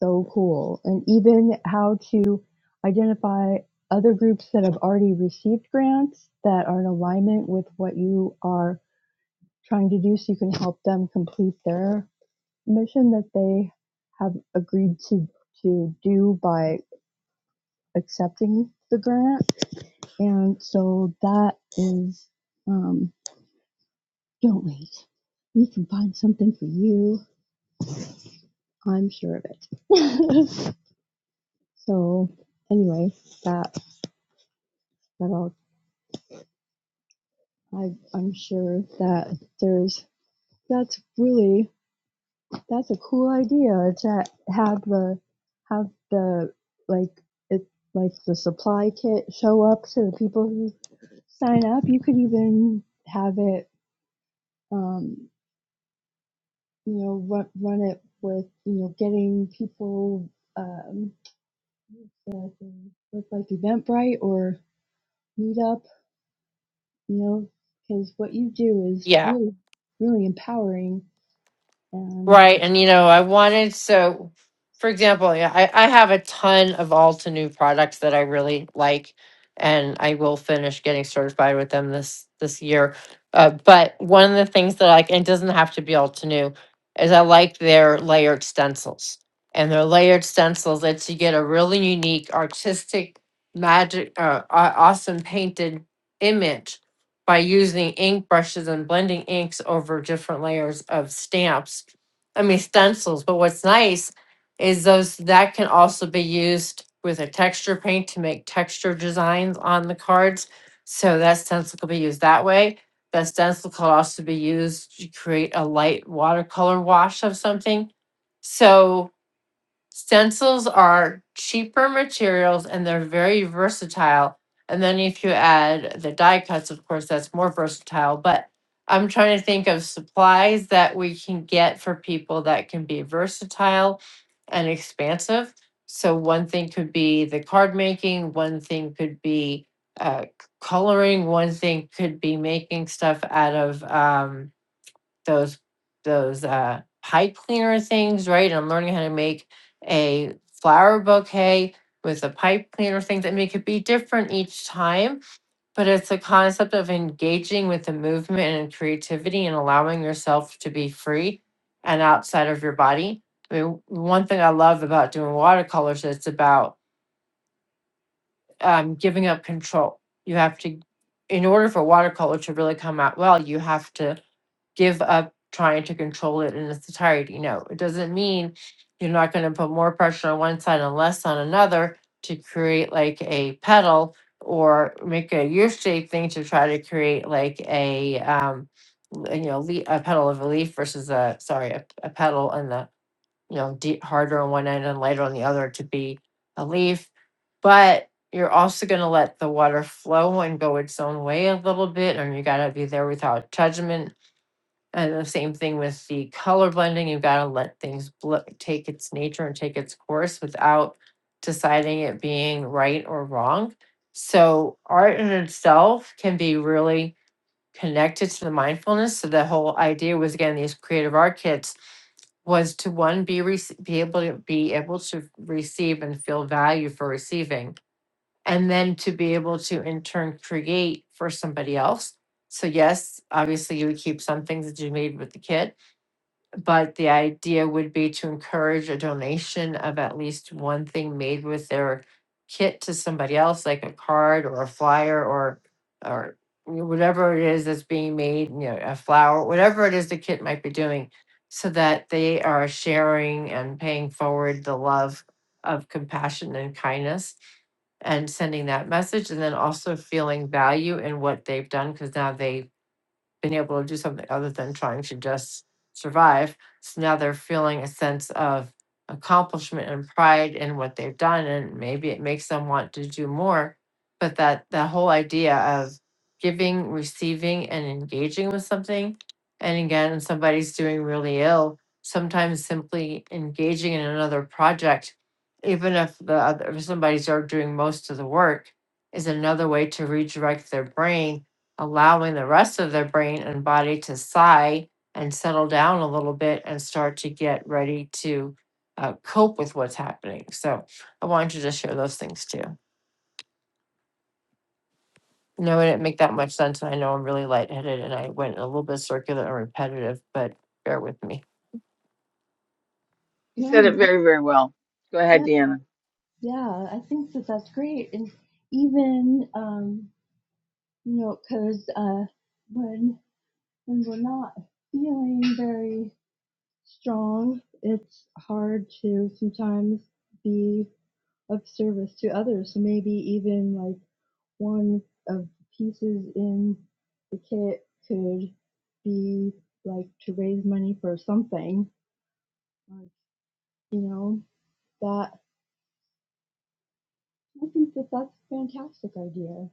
S6: so cool and even how to identify other groups that have already received grants that are in alignment with what you are trying to do so you can help them complete their mission that they have agreed to to do by accepting the grant and so that is um don't wait we can find something for you i'm sure of it so anyway that But I'll, I, I'm sure that there's that's really that's a cool idea to have the have the like it like the supply kit show up to the people who sign up. You could even have it, um, you know, run, run it with you know getting people um, with like Eventbrite or Meetup, you know, because what you do is
S4: Yeah.
S6: really, really empowering. and.
S4: Right. And, you know, I wanted, so for example, yeah, I, I have a ton of Alta new products that I really like, and I will finish getting certified with them this this year. Uh, but one of the things that I like, and it doesn't have to be Alta new, is I like their layered stencils. And their layered stencils lets you get a really unique, artistic, magic, uh, aw- awesome painted image by using ink brushes and blending inks over different layers of stamps I mean stencils, but what's nice is those that can also be used with a texture paint to make texture designs on the cards. So that stencil could be used that way. That stencil could also be used to create a light watercolor wash of something. So Stencils are cheaper materials and they're very versatile. And then if you add the die cuts, of course, that's more versatile. But I'm trying to think of supplies that we can get for people that can be versatile and expansive. So one thing could be the card making, one thing could be uh, c- coloring, one thing could be making stuff out of um, those those uh pipe cleaner things, right? And I'm learning how to make a flower bouquet with a pipe cleaner things. I mean, it could be different each time, but it's a concept of engaging with the movement and creativity and allowing yourself to be free and outside of your body. I mean, one thing I love about doing watercolors is it's about um, giving up control. You have to, in order for watercolor to really come out well, you have to give up trying to control it in its entirety. No, it doesn't mean you're not going to put more pressure on one side and less on another to create like a pedal or make a U-shaped thing to try to create like a um, l- you know le- a pedal of a leaf versus a sorry a, a pedal and the you know deep, harder on one end and lighter on the other to be a leaf, but you're also going to let the water flow and go its own way a little bit, and you got to be there without judgment and the same thing with the color blending, you've gotta let things bl- take its nature and take its course without deciding it being right or wrong. So art in itself can be really connected to the mindfulness. So the whole idea was again, these creative art kits was to one, be rec- be able to be able to receive and feel value for receiving. And then to be able to in turn create for somebody else. So yes, obviously you would keep some things that you made with the kit, but the idea would be to encourage a donation of at least one thing made with their kit to somebody else, like a card or a flyer or, or whatever it is that's being made, you know, a flower, whatever it is the kit might be doing, so that they are sharing and paying forward the love of compassion and kindness and sending that message and then also feeling value in what they've done because now they been able to do something other than trying to just survive. So now they're feeling a sense of accomplishment and pride in what they've done. And maybe it makes them want to do more. But that, that whole idea of giving, receiving, and engaging with something. And again, if somebody's doing really ill, sometimes simply engaging in another project, even if the other if somebody's are doing most of the work, is another way to redirect their brain allowing the rest of their brain and body to sigh and settle down a little bit and start to get ready to uh, cope with what's happening. So I wanted to just share those things too. No, it didn't make that much sense. And I know I'm really lightheaded and I went a little bit circular and repetitive, but bear with me.
S1: You said
S6: No,
S1: it
S6: no,
S1: very, very well. Go ahead,
S6: yeah,
S1: Deanna.
S6: yeah, I think that that's great, and even um, you know, because uh, when when we're not feeling very strong, it's hard to sometimes be of service to others. So maybe even like one of the pieces in the kit could be like to raise money for something, like, you know, that I think that that's a fantastic idea.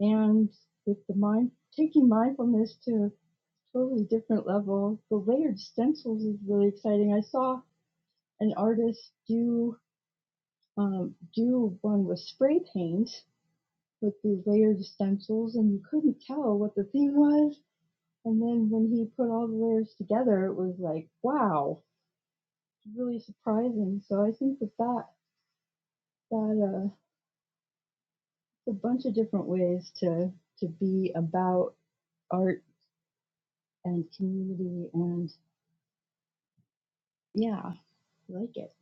S6: And with the mind, taking mindfulness to a totally different level, the layered stencils is really exciting. I saw an artist do um, do one with spray paint with these layered stencils, and you couldn't tell what the theme was. And then when he put all the layers together, it was like, wow, really surprising. So I think that that that uh, a bunch of different ways to to be about art and community and yeah I like it.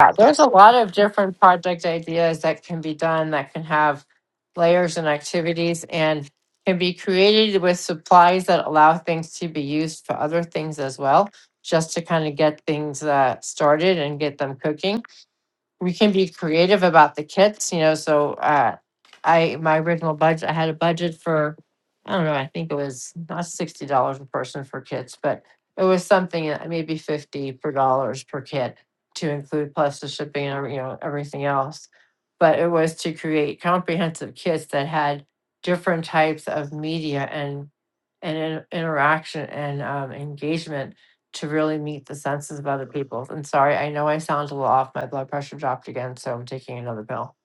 S4: Yeah, there's a lot of different project ideas that can be done that can have layers and activities and can be created with supplies that allow things to be used for other things as well, just to kind of get things uh, started and get them cooking we can be creative about the kits, you know, so uh I my original budget I had a budget for I don't know, I think it was not sixty dollars a person for kits, but it was something uh, maybe fifty per dollars per kit to include plus the shipping and every- you know everything else. But it was to create comprehensive kits that had different types of media and and in- interaction and um, engagement to really meet the senses of other people. And sorry, I know I sound a little off. My blood pressure dropped again, so I'm taking another pill.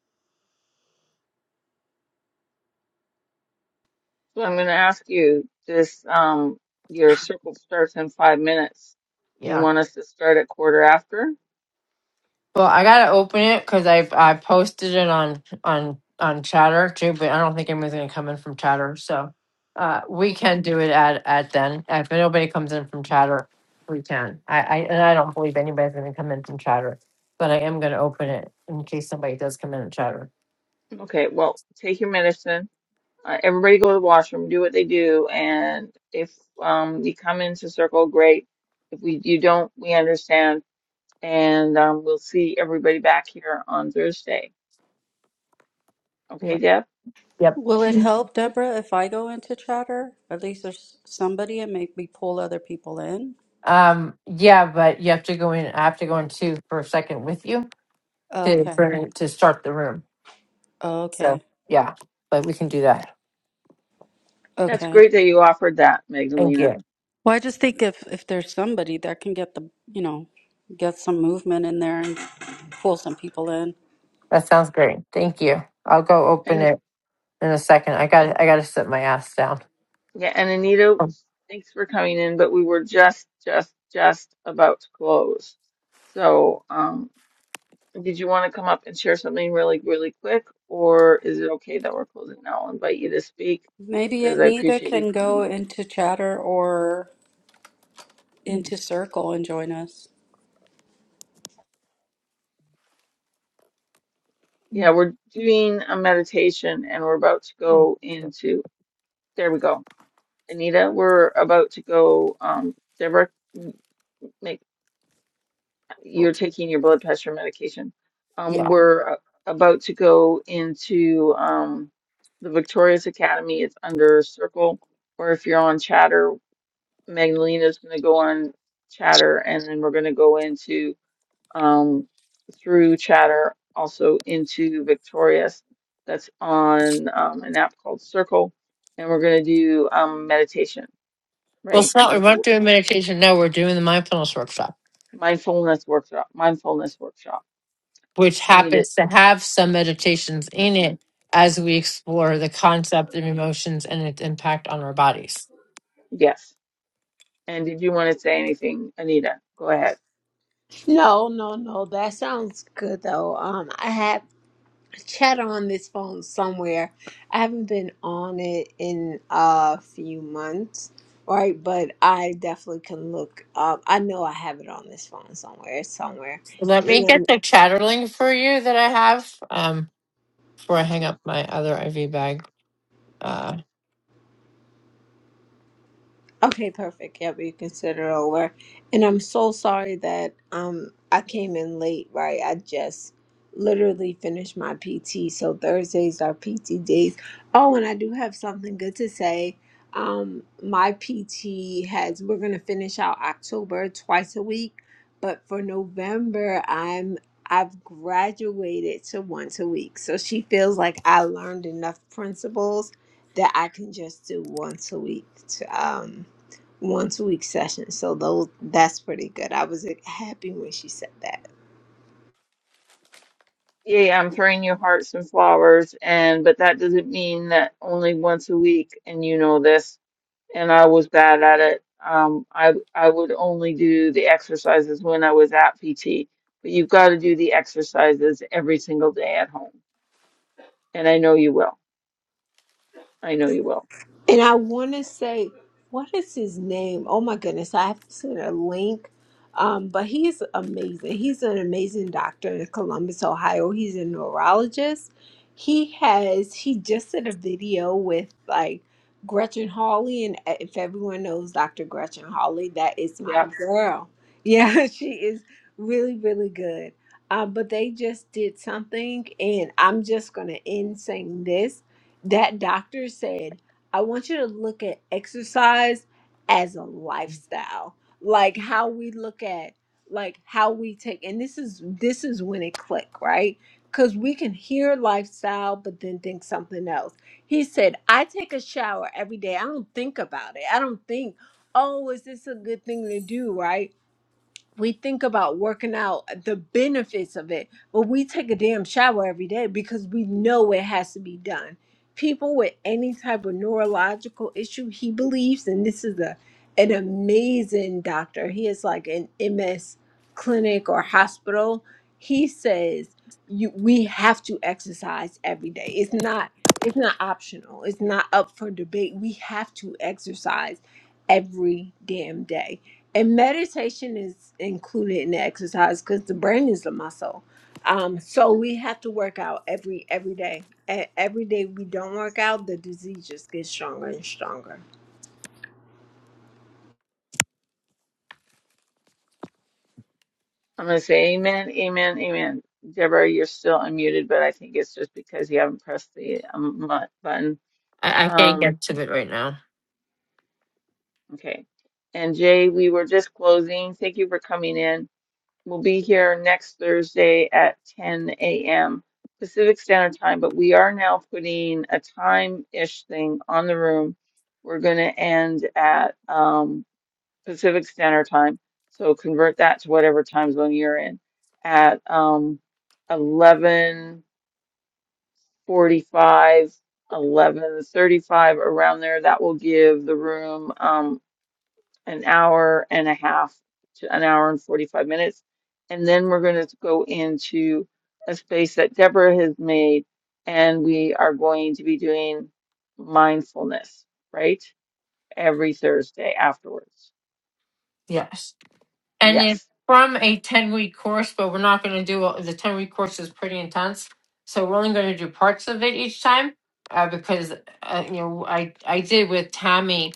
S1: So I'm going to ask you this, um, your circle starts in five minutes. Do you
S4: Yeah.
S1: want us to start at quarter after?
S4: Well, I gotta open it because I I posted it on on on Chatter too, but I don't think anyone's gonna come in from Chatter. So uh, we
S1: Okay.
S4: can do it at at then if nobody comes in from Chatter, we can. I, I and I don't believe anybody's gonna come in from Chatter, but I am gonna open it in case somebody does come in and Chatter.
S1: Okay. Well, take your medicine Uh, everybody go to the washroom, do what they do, and if um you come into circle, great. If we you don't, we understand, and um, we'll see everybody back here on Thursday. Okay,
S4: Yeah.
S1: Deb?
S4: Yep.
S5: Will it help, Deborah, if I go into chatter? At least there's somebody and maybe pull other people in?
S4: Um, yeah, but you have to go in. I have to go in too for a second with you to
S5: Okay.
S4: for, to start the room.
S5: Okay.
S4: So yeah, but we can do that.
S1: That's
S5: Okay.
S1: great that you offered that,
S4: Thank
S1: Magdalena.
S4: you.
S5: Well, I just think if if there's somebody that can get the, you know, get some movement in there and pull some people in.
S4: That sounds great. Thank you. I'll go open
S1: And,
S4: it in a second. I
S1: and
S4: got. I got to sit my ass down.
S1: yeah, and Anita,
S4: Oh,
S1: thanks for coming in, but we were just just just about to close. So, um, Did you want to come up and share something really, really quick, or is it okay that we're closing now? I'll invite you to speak
S5: Maybe
S1: because I
S5: Anita
S1: appreciate you
S5: can
S1: coming
S5: go
S1: in.
S5: into chatter or into Circle and join us.
S1: Yeah, we're doing a meditation and we're about to go into, there we go. Anita, we're about to go, um, Deborah, m- make, you're taking your blood pressure medication. Um,
S4: Yeah.
S1: we're uh, about to go into, um, the Victorious Academy. It's under Circle, or if you're on Chatter. Magdalena's going to go on Chatter, and then we're going to go into um, through Chatter also into Victorious. That's on um, an app called Circle, and we're going to do um, meditation,
S4: Well,
S1: right?
S4: it's not. We
S1: That's a
S4: weren't
S1: wo-
S4: doing meditation. No, we're doing the mindfulness workshop,
S1: mindfulness workshop. Mindfulness workshop.
S4: which
S1: Anita,
S4: happens to have some meditations in it as we explore the concept of emotions and its impact on our bodies.
S1: yes. And did you want to say anything, Anita? Go ahead.
S7: No, no, no. That sounds good though. Um, I have chat on this phone somewhere. I haven't been on it in a few months, right? But I definitely can look up. I know I have it on this phone somewhere. It's somewhere.
S4: Let me get the chatter link for you that I have um, before I hang up my other IV bag. Uh,
S7: Okay, perfect. Yep, you can send it over. And I'm so sorry that um I came in late, right? I just literally finished my PT. So Thursdays are PT days. Oh, and I do have something good to say. Um my PT has we're gonna finish out October twice a week, but for November I'm I've graduated to once a week. So she feels like I learned enough principles that I can just do once a week. To um once a week session. So those that's pretty good. I was like, happy when she said that.
S1: Yeah, yeah, I'm throwing you hearts and flowers, and but that doesn't mean that only once a week, and you know this and I was bad at it. Um, I I would only do the exercises when I was at PT, but you've got to do the exercises every single day at home, and I know you will. I know you will.
S7: And I want to say, what is his name? Oh my goodness, I have to send a link. Um, but he is amazing. He's an amazing doctor in Columbus, Ohio. He's a neurologist. He has, he just did a video with like Gretchen Hawley. And e, if everyone knows Dr. Gretchen Hawley, that is my
S1: Yeah,
S7: girl. Yeah, she is really, really good. Uh, but they just did something. And I'm just going to end saying this. That doctor said, I want you to look at exercise as a lifestyle, like how we look at, like how we take, and this is this is when it click, right? Because we can hear lifestyle, but then think something else. He said, "I take a shower every day. I don't think about it. I don't think, oh, is this a good thing to do, right? we think about working out the benefits of it, but we take a damn shower every day because we know it has to be done. People with any type of neurological issue, he believes, and this is a an amazing doctor. He is like an MS clinic or hospital. He says you we have to exercise every day. It's not it's not optional. It's not up for debate. We have to exercise every damn day and meditation is included in the exercise because the brain is a muscle um so we have to work out every every day and every day we don't work out the disease just gets stronger and stronger
S1: I'm gonna say amen, amen, amen. Deborah, you're still unmuted, but I think it's just because you haven't pressed the um, mu- button.
S4: I, I can't
S1: Um,
S4: get to it right now.
S1: okay. And Jay, we were just closing. Thank you for coming in. We'll be here next Thursday at 10 a.m. Pacific Standard Time, but we are now putting a time-ish thing on the room. We're going to end at um, Pacific Standard Time, so convert that to whatever time zone you're in at um, 11:45, 11:35, around there. That will give the room um, an hour and a half to an hour and 45 minutes. And then we're going to go into a space that Deborah has made, and we are going to be doing mindfulness, right? Every Thursday afterwards.
S4: Yes. And it's
S1: Yes,
S4: from a 10 week course, but we're not going to do all, the 10 week course is pretty intense. So we're only going to do parts of it each time uh, because, uh, you know, I, I did with Tammy.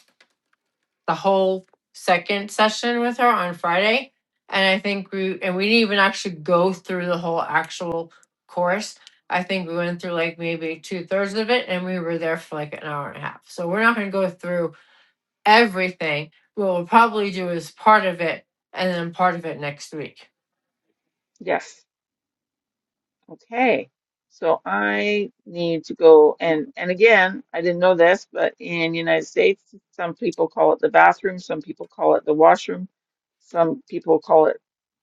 S4: the whole second session with her on Friday. And I think we, and we didn't even actually go through the whole actual course. I think we went through like maybe two thirds of it and we were there for like an hour and a half. So we're not going to go through everything. What we'll probably do is part of it and then part of it next week.
S1: yes. Okay, so I need to go and and again, I didn't know this, but in the United States, some people call it the bathroom, some people call it the washroom, some people call it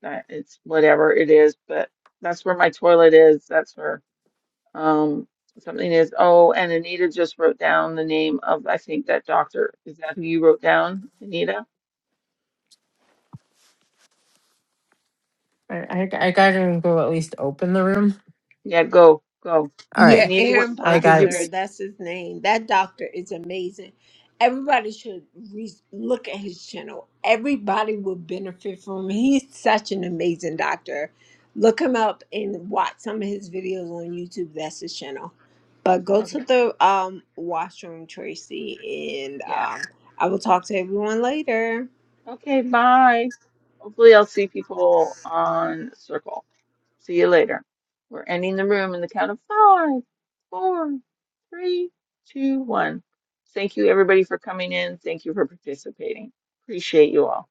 S1: uh, it's whatever it is, but that's where my toilet is. That's where um something is. Oh, and Anita just wrote down the name of I think that doctor. Is that who you wrote down, Anita?
S4: I, I, I gotta go at least open the room.
S1: Yeah, go, go.
S4: All
S7: Yeah,
S4: right.
S1: Anita, what
S7: Aaron
S4: I
S1: what did
S4: got
S1: you
S4: it.
S7: Boster,
S1: write?
S7: that's his name. That doctor is amazing. Everybody should re- look at his channel. Everybody will benefit from him. He's such an amazing doctor. Look him up and watch some of his videos on YouTube. That's his channel. But go to
S1: Okay.
S7: the um, washroom, Tracy, and
S1: yeah.
S7: um, I will talk to everyone later.
S1: Okay, bye. Hopefully, I'll see people on Circle. See you later. We're ending the room in the count of five, four, three, two, one. Thank you, everybody, for coming in. Thank you for participating. Appreciate you all.